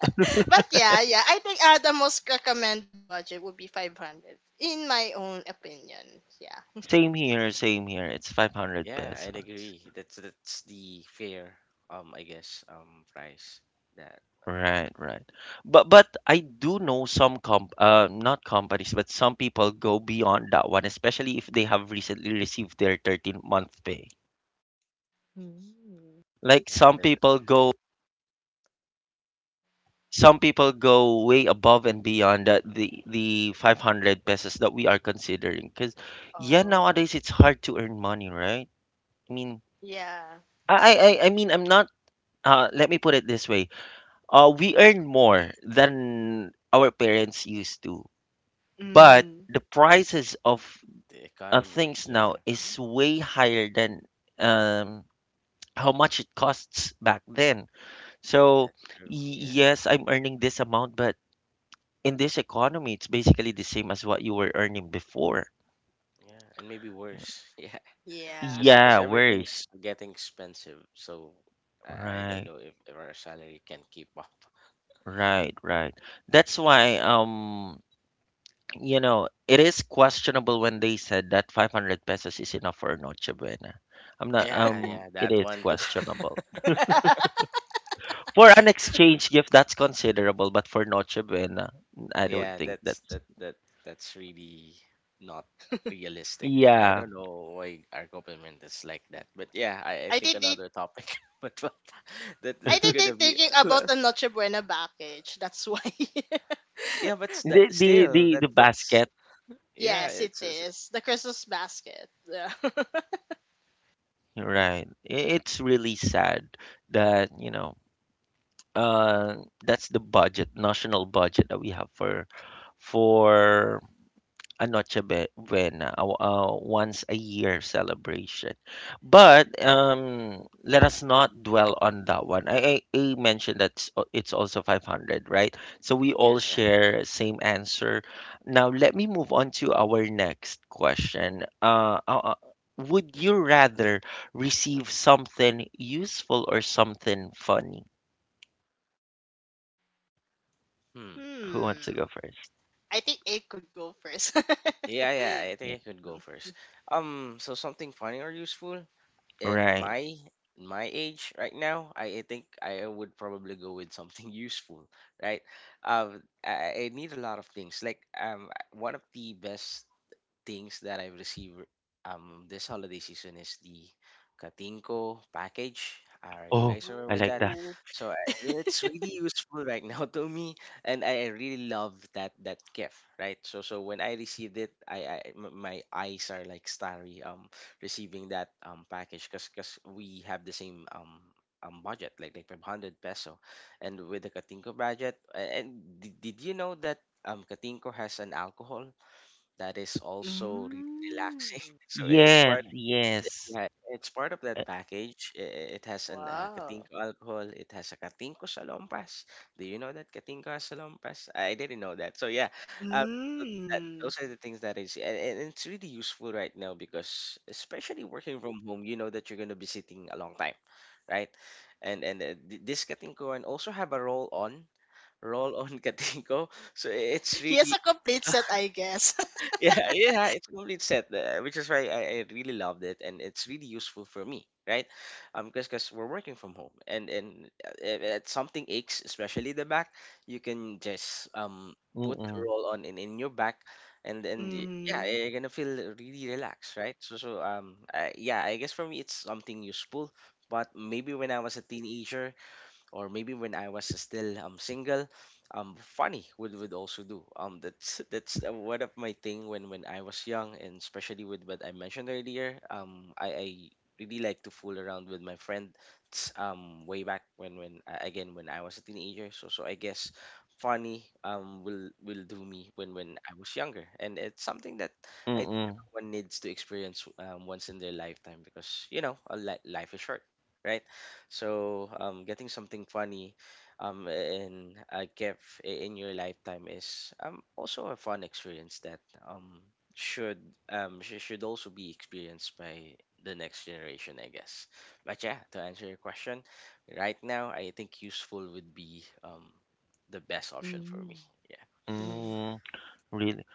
<laughs> But yeah, yeah, I think the most recommended budget would be 500, in my own opinion. Yeah.
<laughs> Same here, same here. It's
yeah,
500
yeah. I'd
pesos.
agree, that's the fair, I guess, price that...
Right, right. But I do know some comp not companies, but some people go beyond that one, especially if they have recently received their 13-month pay.
Mm.
Like,
yeah
some
the,
people go some people go way above and beyond the 500 pesos that we are considering. Because yeah,
Oh.
nowadays it's hard to earn money, right? I mean,
Yeah.
yeah,
I I
that's
I mean I'm not let me put it this way. We earn more than our parents used to. But
Hmm.
the prices of
the economy.
things now
Yeah.
is way higher than um how much it costs back then. So
That's true. Yeah,
yes, I'm earning this amount, but in this economy it's basically the same as what you were earning before.
yeah, and maybe worse. <laughs> Yeah.
Yeah.
Because
Yeah, worries.
everything's getting expensive, so I don't
Right,
know if our salary can keep up.
right, right. That's why you know, it is questionable when they said that 500 pesos is enough for a Noche Buena. I'm not,
Yeah, yeah,
it
that
is
one too.
questionable.
<laughs>
For an exchange gift, that's considerable, but for Noche Buena, I don't
Yeah,
think
that's
that's,
that that that's really not realistic. I
yeah.
don't know why our government is like that, but yeah, I
I
think
think they.
another topic. <laughs> But what that
I
that's
think they're
gonna be...
thinking
uh,
about the Noche Buena package. That's why. <laughs>
yeah, but that
The, the,
still,
the,
that
the
that's
basket,
yeah,
Yes, it
it's
is. The Christmas basket. Yeah. <laughs>
you're right. It's really sad that, you know, uh, that's the budget, national budget that we have for a Buena, a once a year celebration. But let us not dwell on that one. I mentioned that it's also 500, right? So we
yeah,
all
yeah.
share same answer. Now let me move on to our next question. Would you rather receive something useful or something funny?
hmm
Who wants to
Hmm.
go first?
I think it could go first.
yeah, yeah, I think
Yeah.
I could go first. So something funny or useful? in
Right.
my in my age right now, I think I would probably go with something <laughs> useful, right? I need a lot of things. Like, one of the best things that I've received this holiday season is the Katinko package. Are you
Oh,
guys
<laughs>
aware
I
with
like
that?
that.
Ooh.
So it's really useful right <laughs> now to me, and I really love that gift, right? So when I received it, my eyes are like starry receiving that package, because we have the same. Budget like ₱500, and with the Katinko budget, and did you know that Katinko has an alcohol that is also really relaxing?
Mm.
<laughs> So it's
Yes,
part,
yes.
yeah, it's part of
Uh,
that package. It has an
Wow.
Katinko alcohol. It has a Katinko salompas. Do you know that Katinko has salompas? I didn't know that. So yeah, um,
Mm.
those are the things that is, and it's really useful right now because, especially working from home, you know that you're gonna be sitting a long time, right? And this Katinko and also have a roll on, roll on <laughs> Katinko. So it's
He has
really...
a complete set, I guess.
<laughs> yeah, yeah, it's complete set, which is why I really loved it, and it's really useful for me, right? Because we're working from home, and if something aches, especially the back, you can just put the
mm-mm.
roll on in your back, and
<laughs>
yeah,
Mm-hmm.
you're gonna feel really relaxed, right? So, yeah, I guess for me it's something useful, but maybe when I was a teenager, or maybe when I was still single, funny would also do. That's <laughs> that's, one of my thing when I was young, and especially with what I mentioned earlier. I really like to fool around with my friends way back when again, when I was a teenager. So I guess funny will do me when I was younger, and it's something that I think
Mm,
everyone needs to experience once in their lifetime, because, you know, life is short, right? So getting something funny, in a gift, in your lifetime, is also a fun experience that um, should, should also be experienced by the next generation, I guess. But yeah, to answer your question, right now I think useful would be the best option for me.
Hmm.
Yeah.
Hmm.
mm, really.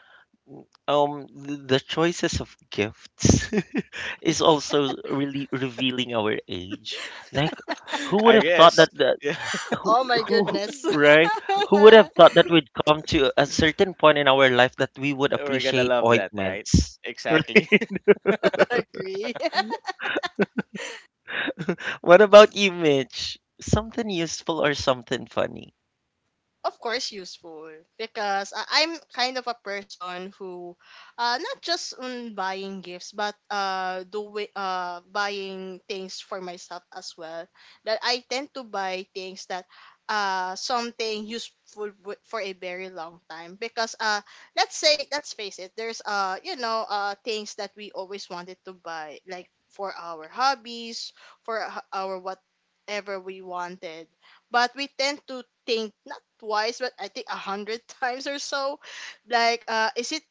Mm, the choices of gifts <laughs> is also really revealing our age. Like,
<laughs>
who would
I
have thought
guess.
that the
Yeah.
Oh my goodness.
right?
<laughs>
Who would have thought that we'd come to a certain point in our life that we would
<laughs> We're gonna
appreciate
love that, right?
ointments? <laughs> Right?
Exactly. <laughs>
Agree.
What about you, Mitch? Something useful or something funny?
Of course useful, because I'm kind of a person who not just on buying gifts but doing buying things for myself as well, that I tend to buy things that something useful for a very long time. Because let's say, let's face it, there's you know, things that we always wanted to buy, like for our hobbies, for our whatever we wanted. But we tend to think not twice but I think a hundred <laughs> times or so, like, is it,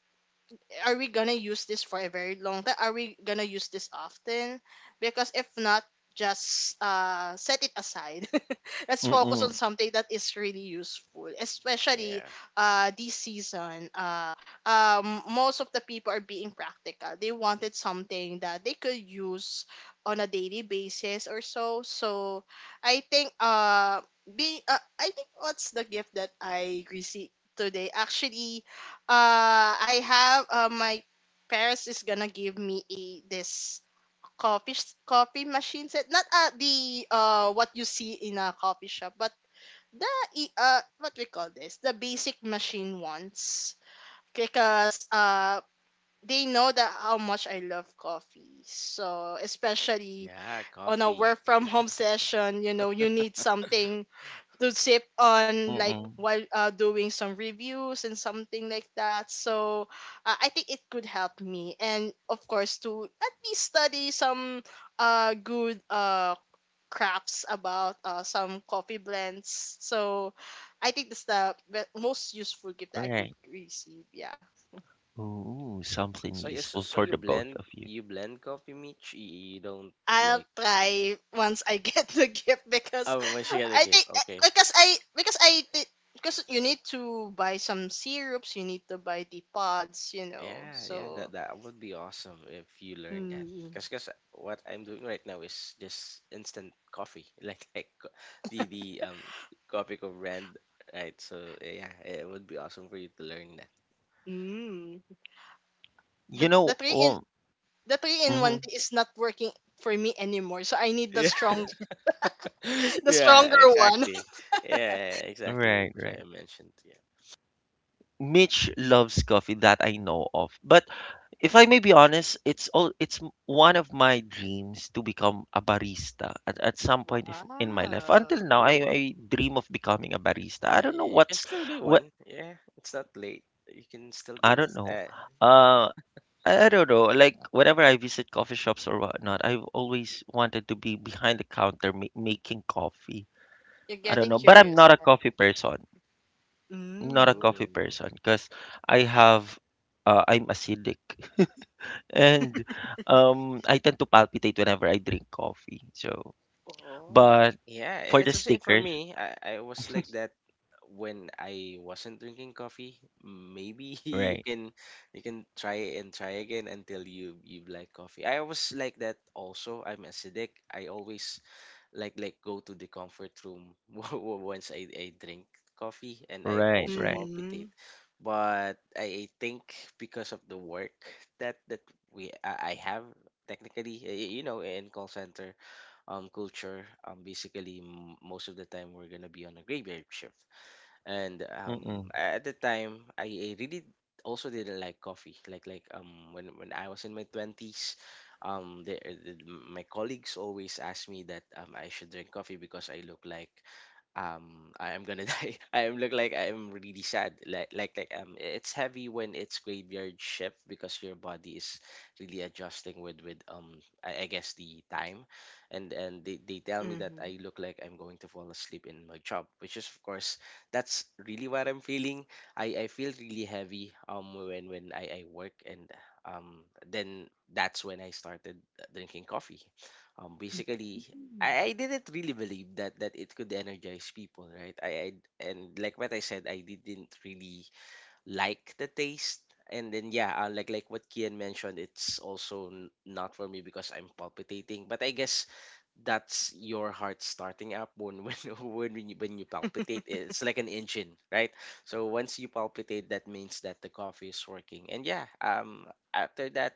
are we gonna use this for a very long time? Are we gonna use this often? Because if not, just set it aside. <laughs> Let's focus on
Mm-mm,
something that is really useful, especially
Yeah.
this season. Most of the people are being practical. They wanted something that they could use on a daily basis or so. So I think be I think what's the gift that I received today actually. I have, my parents is gonna give me a this coffee coffee machine set. Not the what you see in a coffee shop, but the what we call this, the basic machine ones, because they know that how much I love coffee. So especially
Yeah,
on a
coffee.
work from home session, you know, you need something to sip on like
mm-mm.
while doing some reviews and something like that. So I think it could help me, and of course to at least study some good crafts about some coffee blends. So I think that's the most useful gift
All
that I could
right.
receive, yeah.
Ooh, something
So you so,
useful
so
for
you
the both
blend
of you.
you blend coffee, Mitch. You don't
I'll
like...
try once I <laughs> get the gift because
oh, when she got the
I
gift.
think
Okay,
because I because I thi- because you need to buy some syrups, you need to buy the pods, you know.
yeah, yeah. That
So
that would be awesome if you learn that.
mm,
Cause what I'm doing right now is just instant coffee, <laughs> like the coffee co brand, right? So yeah, it would be awesome for you to learn that. <laughs>
mm,
You
the the
know,
three in
well,
the three in one
mhm.
is not working for me anymore. So I need the strong, <laughs>
Yeah. <laughs>
the
Yeah,
stronger one. <laughs>
exactly. Yeah, exactly, which
Right,
is why
right.
I mentioned. Yeah.
Mitch loves coffee that I know of. But if I may be honest, it's all it's m- one of my dreams to become a barista at some point if, in my life. Until
Wow,
now,
Oh.
I dream of becoming a barista. I
Yeah,
don't know
yeah, you can
what's
still be
what
one. Yeah, it's not late. You can still be
I
one.
don't know. Uh I don't know. Like whenever I visit coffee shops or whatnot, I've always wanted to be behind the counter making coffee.
you're
I don't
getting
know, but I'm
curious.
not a coffee person. Not a
Mm.
coffee
Oh.
person because I have I'm acidic <laughs> and I tend to palpitate whenever I drink coffee. So,
Oh.
but
Yeah,
for the
it's the same for
stickers,
me. I was like that when I wasn't drinking coffee. Maybe <laughs> you
right,
can you can try and try again until you like coffee. I was like that also. I'm acidic. I always like go to the comfort room. <laughs> Once I drink coffee, and I
right,
also
right,
Mm-hmm.
palpitate. But I think because of the work that I have, technically, you know, in call center culture, basically, most of the time we're gonna be on a graveyard shift, and
mm-mm,
at the time I really also didn't like coffee, when I was in my 20s. My colleagues always asked me that I should drink coffee because I look like I am gonna <laughs> die. I am look like I am really sad. Like, it's heavy when it's graveyard shift, because your body is really adjusting with, I guess, the time. And they tell me that
Mm-hmm.
I look like I'm going to fall asleep in my job, which is of course that's really what I'm feeling. I feel really heavy when I work and then that's when I started drinking coffee. Basically
Mm.
I didn't really believe that it could energize people, right? I and like what I said, I didn't really like the taste. And then yeah, like what Kian mentioned, it's also not for me because I'm palpitating. But I guess that's your heart starting up when <laughs> when you palpitate. It's like an engine, right? So once you palpitate that means that the coffee is working. And yeah, after that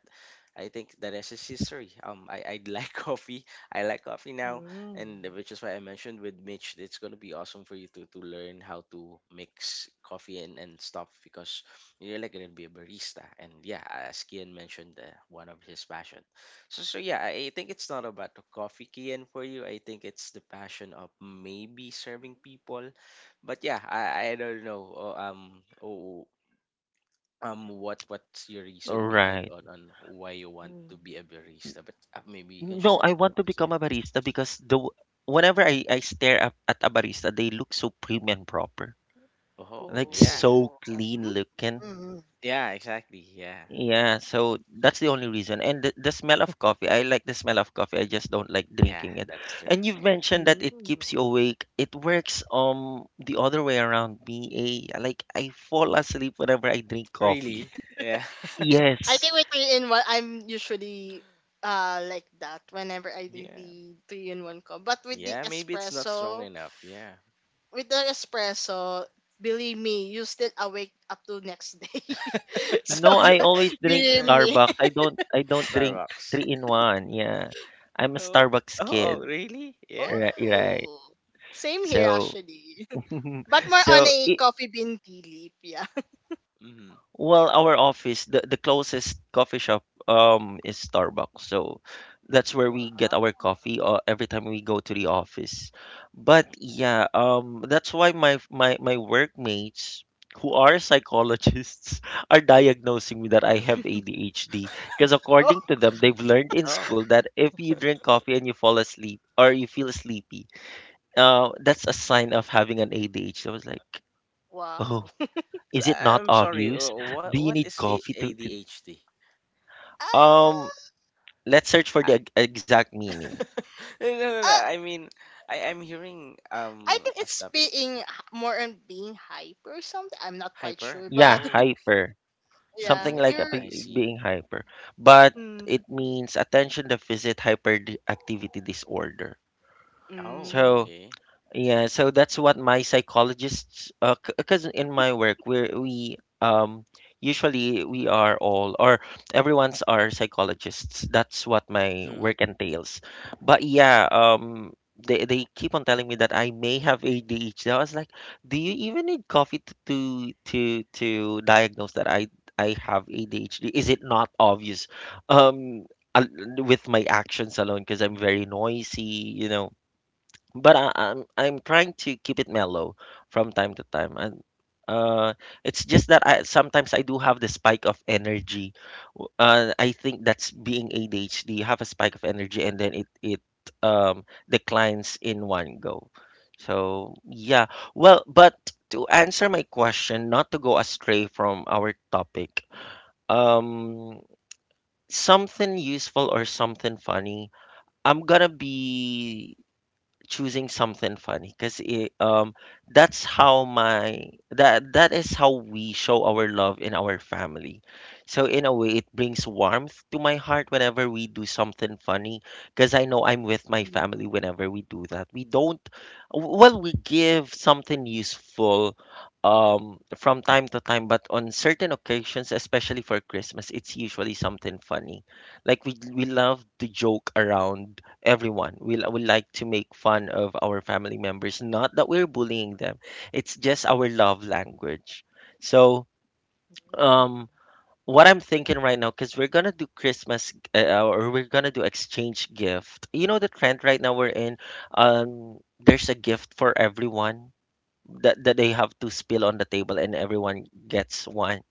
I think the rest is history. I like <laughs> coffee. I like coffee now.
Mm.
And which is why I mentioned with Mitch it's going to be awesome for you to learn how to mix coffee and stuff because you're like going to be a barista. And yeah, as Kian mentioned, one of his passion. So yeah, I think it's not about the coffee can for you. I think it's the passion of maybe serving people. But yeah, I don't know. Oh, oh, what's your reason behind
right.
on why you want
Mm.
to be a barista? But maybe you can
No,
share it
I
with
want to
us. Yeah.
become a barista because whenever I stare up at a barista, they look so prim and proper,
Oh,
like
yeah,
so
Oh.
clean looking.
Mm.
yeah, exactly. Yeah,
Yeah, so that's the only reason. And the smell of coffee, I like the smell of coffee. I just don't like
yeah,
drinking it.
that's true.
And you've
Yeah,
mentioned that it keeps you
Mm.
awake. It works the other way around me. Eh? Like I fall asleep whenever I drink coffee.
really. Yeah, <laughs>
I
Yes.
think with three in one, I'm usually like that whenever I do
yeah,
the three in one cup. But with the
yeah. Maybe it's not strong
espresso,
enough. Yeah.
with the espresso, believe me, you still awake up to next day. <laughs> So
No, I
<laughs>
always
<laughs>
drink
believe
Eh,
me.
Starbucks. I don't drink
Starbucks.
three in one. Yeah. I'm a
Oh.
Starbucks
Oh,
kid.
really? Yeah.
Right, right.
Oh, same here
So
actually. <laughs>
<laughs>
But more on
so
a
I
coffee bean tea leaf, yeah.
Mm-hmm.
well, our office, the closest coffee shop is Starbucks. So that's
Hmm.
<laughs>
where we get
Wow.
our coffee every time we go to the office. But
Hmm.
yeah, that's why my workmates who are psychologists <laughs> are diagnosing me that I have ADHD because
Oh
according to them, they've learned in
Oh,
school that if you drink coffee and you fall asleep or you feel sleepy, that's a sign of having an ADHD. I was like,
wow.
"Oh,
so,
is it not
I'm sorry.
obvious? Do
What
you
what
need
is
coffee to,
ADHD?
um
Ah,
let's search for the
Ah.
exact meaning.
<laughs> No, no, no, no.
uh,
I mean, I'm hearing
I think
a
it's
stuff
being more on being hype or something. I'm not quite
hyper.
sure,
Yeah,
but
Oh,
<laughs>
hyper.
yeah,
Something like a
you're.
I see.
being hyper. But it
Mm,
means attention deficit hyperactivity disorder.
Oh,
mm,
So
okay.
yeah, so that's what my psychologists, because in my work, we um usually we are all or everyone's are psychologists. That's what my
Hmm.
work entails. But yeah, they keep on telling me that I may have ADHD. I was like, do you even need coffee to to diagnose that I have ADHD? Is it not obvious? Um. al- With my actions alone, because I'm very noisy, you know, but I'm trying to keep it mellow from time to time, and uh, it's just that I sometimes I do have the spike of energy. I think that's being ADHD. You have a spike of energy, and then it declines in one go. So yeah, well, but to answer my question, not to go astray from our topic, um, something useful or something funny. I'm gonna be choosing something funny because um that's how my that is how we show our love in our family, so in a way it brings warmth to my heart whenever we do something funny because I know I'm with my
mm,
family
mm.
whenever we do that. We don't, well, we give something useful from time to time, but on certain occasions, especially for Christmas, it's usually something funny. Like we love to joke around. Everyone, we like to make fun of our family members, not that we're bullying them. It's just our love language. So um what I'm thinking right now, because we're gonna do Christmas, or we're gonna do exchange gift, you know, the trend right now we're in, there's a gift for everyone that they have to spill on the table and everyone gets one.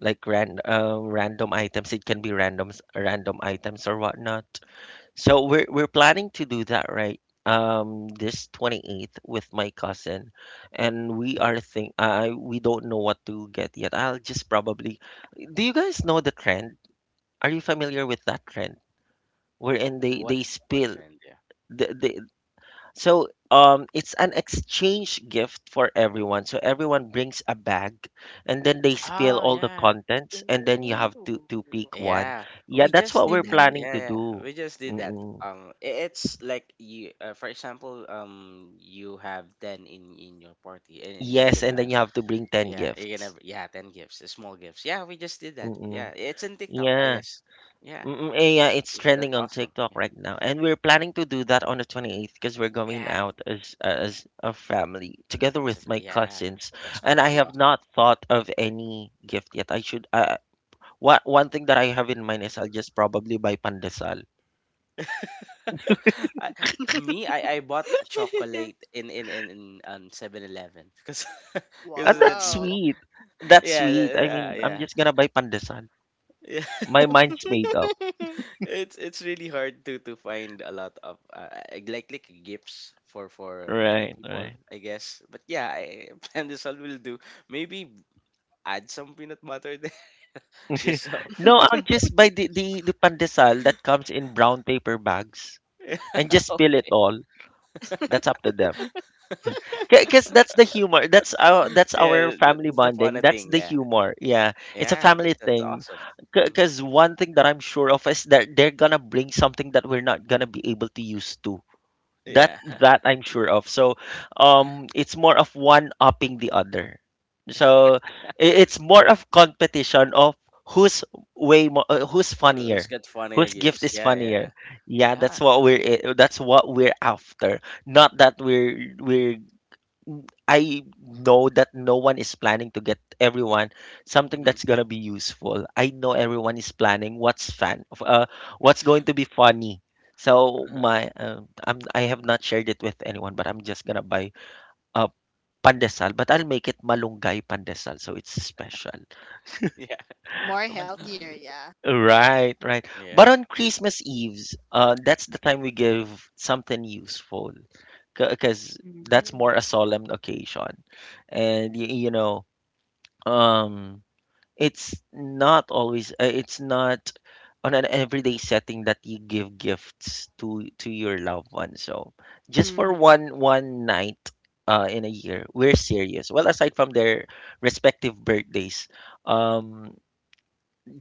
Like random items, it can be random items or whatnot. So we're planning to do that, right? This 28th with my cousin, and we are think I we don't know what to get yet. I'll just probably, do you guys know the trend? Are you familiar with that trend? Wherein
What
they
what
spill
trend? Yeah.
the it's an exchange gift for everyone. So everyone brings a bag and then they spill
Oh,
all the
yeah.
contents and then you have to
Ooh.
pick one.
Yeah,
Yeah,
we
that's
just
what
did
we're
that.
Mm-hmm.
planning to
Yeah, yeah,
do.
we just did that.
Mm-mm.
It's like you, for example, you have ten in your party, and
Yes, and then you have to bring 10
yeah,
gifts.
yeah, 10 gifts, small gifts. Yeah, we just did that.
Mm-mm.
Yeah, it's in TikTok, I
Yeah.
guess. Yeah,
Mm-mm. Eh, yeah, it's
that's
trending on
awesome.
TikTok
Yeah,
right now. And we're planning to do that on the 28th because we're going
yeah,
out as a family together with my
yeah,
cousins.
that's
And
gonna
I
be
have
awesome.
not
Yeah.
thought of any gift yet. I should one thing that I have in mind is I'll just probably buy pandesal.
<laughs> I, I bought a chocolate in 7 because <laughs>
And that's
because
Wow.
sweet. That's
yeah,
sweet. I mean, I'm
yeah,
just gonna buy pandesal.
yeah. <laughs>
My mind's made up.
It's really hard to find a lot of like gifts for many
Right,
people,
right.
I guess. But yeah, <laughs> pandesal will do. Maybe add some peanut butter there, <laughs> just so.
<laughs> No, I'll just buy the pandesal that comes in brown paper bags
<laughs> Yeah,
and just spill it
okay.
all. That's up to them. Because that's the humor. That's our
Yeah,
family
that's the
bonding.
funny
That's
thing.
the
Yeah,
humor. Yeah, it's a
yeah,
family
that's
thing.
awesome. Hmm.
Because one thing that I'm sure of is that they're gonna bring something that we're not gonna be able to use to. That
Yeah,
that
<laughs>
I'm sure of. So, it's more of one upping the other. So it's more of competition of who's who's
It's
funnier,
got funnier
whose gift
gifts.
is
Yeah, yeah,
funnier. Yeah,
yeah.
that's what we're after. Not that we're I know that no one is planning to get everyone something
Hmm.
that's gonna be useful. I know everyone is planning what's what's going to be funny. So
Uh-huh.
I have not shared it with anyone, but I'm just gonna buy uh, pandesal, but I'll make it malunggay pandesal, so it's special.
Yeah,
More healthier,
<laughs>
yeah.
Right, right. But
yeah.
on Christmas Eves, that's the time we give something useful because that's
Mm-hmm.
more a solemn occasion. And you know, um it's not always it's not on an everyday setting that you give gifts to your loved one. So just for
Mm-hmm.
one night in a year, we're serious, well, aside from their respective birthdays. um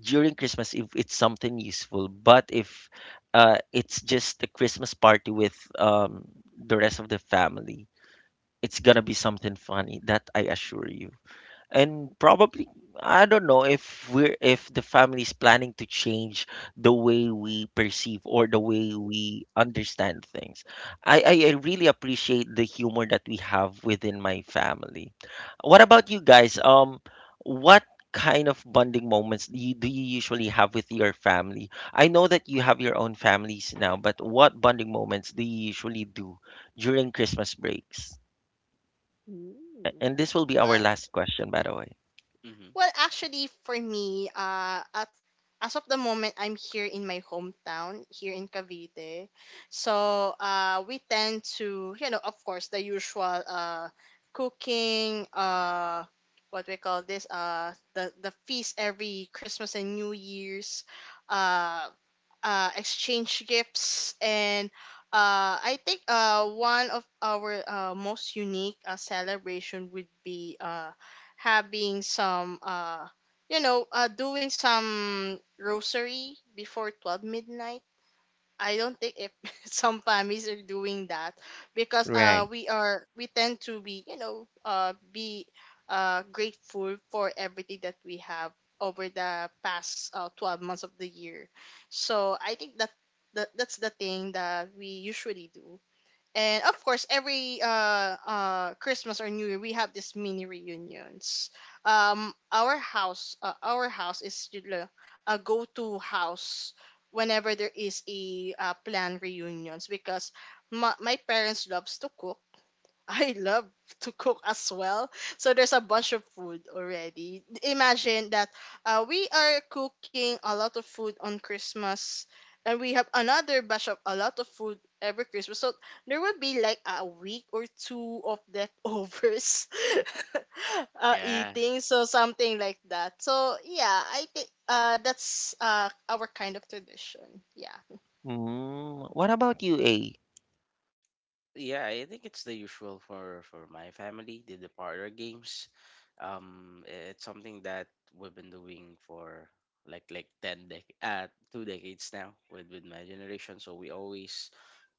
during Christmas, if it's something useful. But if it's just a Christmas party with the rest of the family, it's gonna be something funny, that I assure you. And probably, I don't know if we're, if the family is planning to change the way we perceive or the way we understand things. I really appreciate the humor that we have within my family. What about you guys? What kind of bonding moments do do you usually have with your family? I know that you have your own families now, but what bonding moments do you usually do during Christmas breaks? And this will be our
Mm.
last question, by the way.
Hmm.
Well, actually, for me, as of the moment, I'm here in my hometown, here in Cavite. So, we tend to, you know, of course, the usual cooking, what we call this, the feast every Christmas and New Year's. Uh, exchange gifts, and I think one of our most unique celebration would be having some, you know, doing some rosary before 12 midnight. I don't think if <laughs> some families are doing that, because
Right.
we are, we tend to be, you know, be grateful for everything that we have over the past 12 months of the year. So I think that, that that's the thing that we usually do. And of course, every Christmas or New Year, we have these mini reunions. Our house is, you know, a go-to house whenever there is a planned reunions, because my parents loves to cook, I love to cook as well. So there's a bunch of food already. Imagine that we are cooking a lot of food on Christmas, and we have another batch of a lot of food every Christmas. So there will be like a week or two of leftovers <laughs>
Yeah.
eating. So something like that. So yeah, I think that's our kind of tradition. Yeah.
Mm, what about you, A?
Yeah, I think it's the usual for my family, the parlor games. It's something that we've been doing for like ten dec 2 decades now with my generation. So we always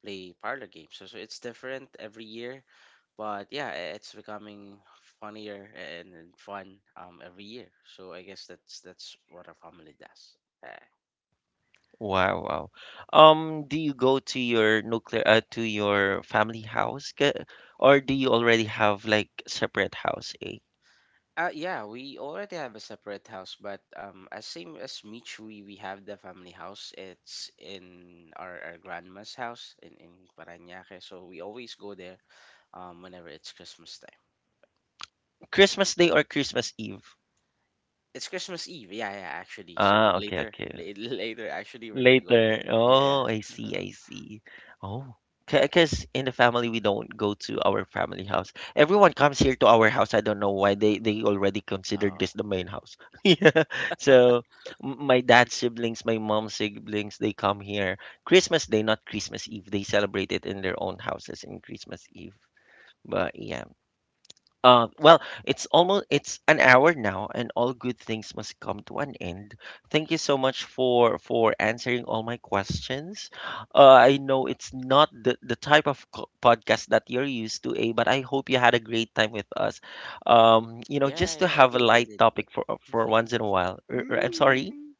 play parlor games. So it's different every year, but yeah, it's becoming funnier and fun every year. So I guess that's what our family does. Uh,
Wow, wow. Do you go to your nuclear to your family house, or do you already have like separate house, A?
Yeah, we already have a separate house, but as same as Mitch, we have the family house. It's in our grandma's house in Parañaque, so we always go there whenever it's Christmas time.
Christmas Day or Christmas Eve?
It's Christmas Eve, yeah, yeah, actually. So
Ah, okay,
later,
okay.
<laughs> later, actually, we're gonna go there.
Later.
Yeah,
Oh, I
yeah.
see,
<laughs>
I see. Oh, because in the family we don't go to our family house. Everyone comes here to our house. I don't know why they already considered
Oh,
this the main house. <laughs> Yeah. So my dad's siblings, my mom's siblings, they come here Christmas Day, not Christmas Eve. They celebrate it in their own houses in Christmas Eve. But yeah. Well, it's almost it's an hour now, and all good things must come to an end. Thank you so much for answering all my questions. I know it's not the type of podcast that you're used to, A, but I hope you had a great time with us. You know,
yeah,
just to
yeah. I
have a
did, I
light
did. Yeah.
topic for
<laughs>
once in a while. I'm sorry.
Mm.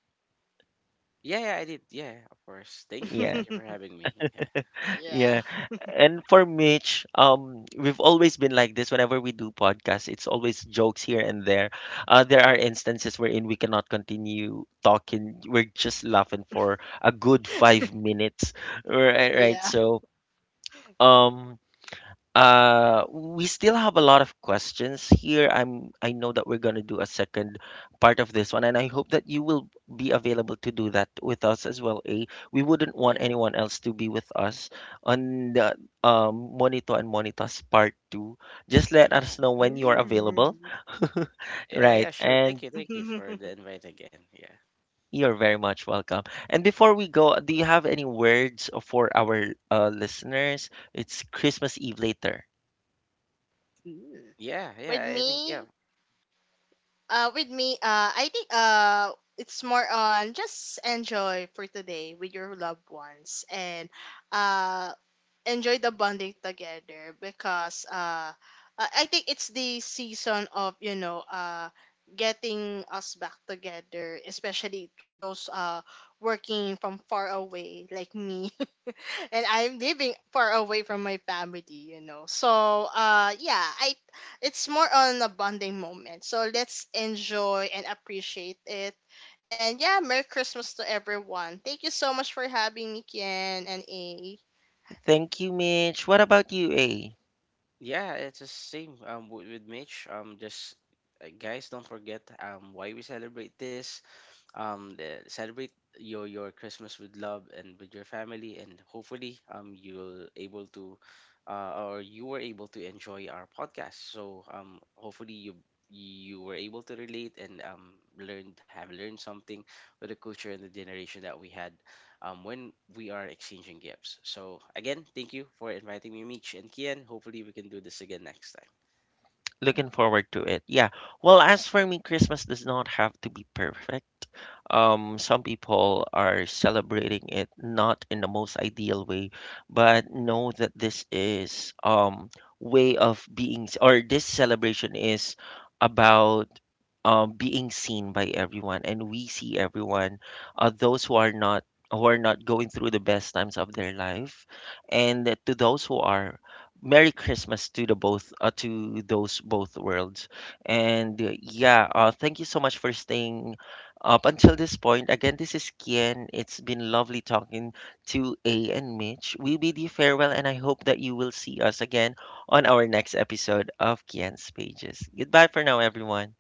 Yeah, yeah, I did. Yeah, of course. Thank
Yeah.
you for having me. <laughs>
Yeah.
Yeah. And for Mitch, we've always been like this whenever we do podcasts. It's always jokes here and there. There are instances wherein we cannot continue talking. We're just laughing for a good 5 minutes. <laughs> Right, right.
Yeah.
So, um, we still have a lot of questions here. I know that we're going to do a second part of this one, and I hope that you will be available to do that with us as well. A, we wouldn't want
Yeah,
anyone else to be with us on the Monito and Monitas part two. Just let
yeah,
us know when
sure,
you are
sure.
available.
Mm.
<laughs>
Yeah,
Right,
yeah, sure.
and
Thank you
<laughs>
for the invite again. Yeah,
you're very much welcome. And before we go, do you have any words for our listeners? It's Christmas Eve later.
Mm.
yeah,
With
yeah. I think yeah,
me, I think it's more on just enjoy for today with your loved ones, and uh, enjoy the bonding together, because I think it's the season of, you know, getting us back together, especially through those working from far away like me. <laughs> <laughs> And I'm living far away from my family, you know. So, yeah, I it's more on a bonding moment. So let's enjoy and appreciate it. And yeah, Merry Christmas to everyone. Thank you so much for having me, Kian and A.
Thank you, Mitch. What about you, A?
yeah. It's the same with Mitch. Just guys, don't forget why we celebrate this. Celebrate your Christmas with love and with your family, and hopefully or you were able to enjoy our podcast. So hopefully you were able to relate and learned something with the culture and the generation that we had when we are exchanging gifts. So, again, thank you for inviting me, Meech and Kian. Hopefully, we can do this again next time.
Looking forward to it. Yeah. Well, as for me, Christmas does not have to be perfect. Some people are celebrating it not in the most ideal way, but know that this is way of being, or this celebration is about being seen by everyone, and we see everyone, those who are not, who are not going through the best times of their life, and to those who are. Merry Christmas to the both to those both worlds. And yeah, thank you so much for staying up until this point. Again, this is Kian. It's been lovely talking to A and Mitch. We bid you farewell, and I hope that you will see us again on our next episode of Kian's Pages. Goodbye for now, everyone.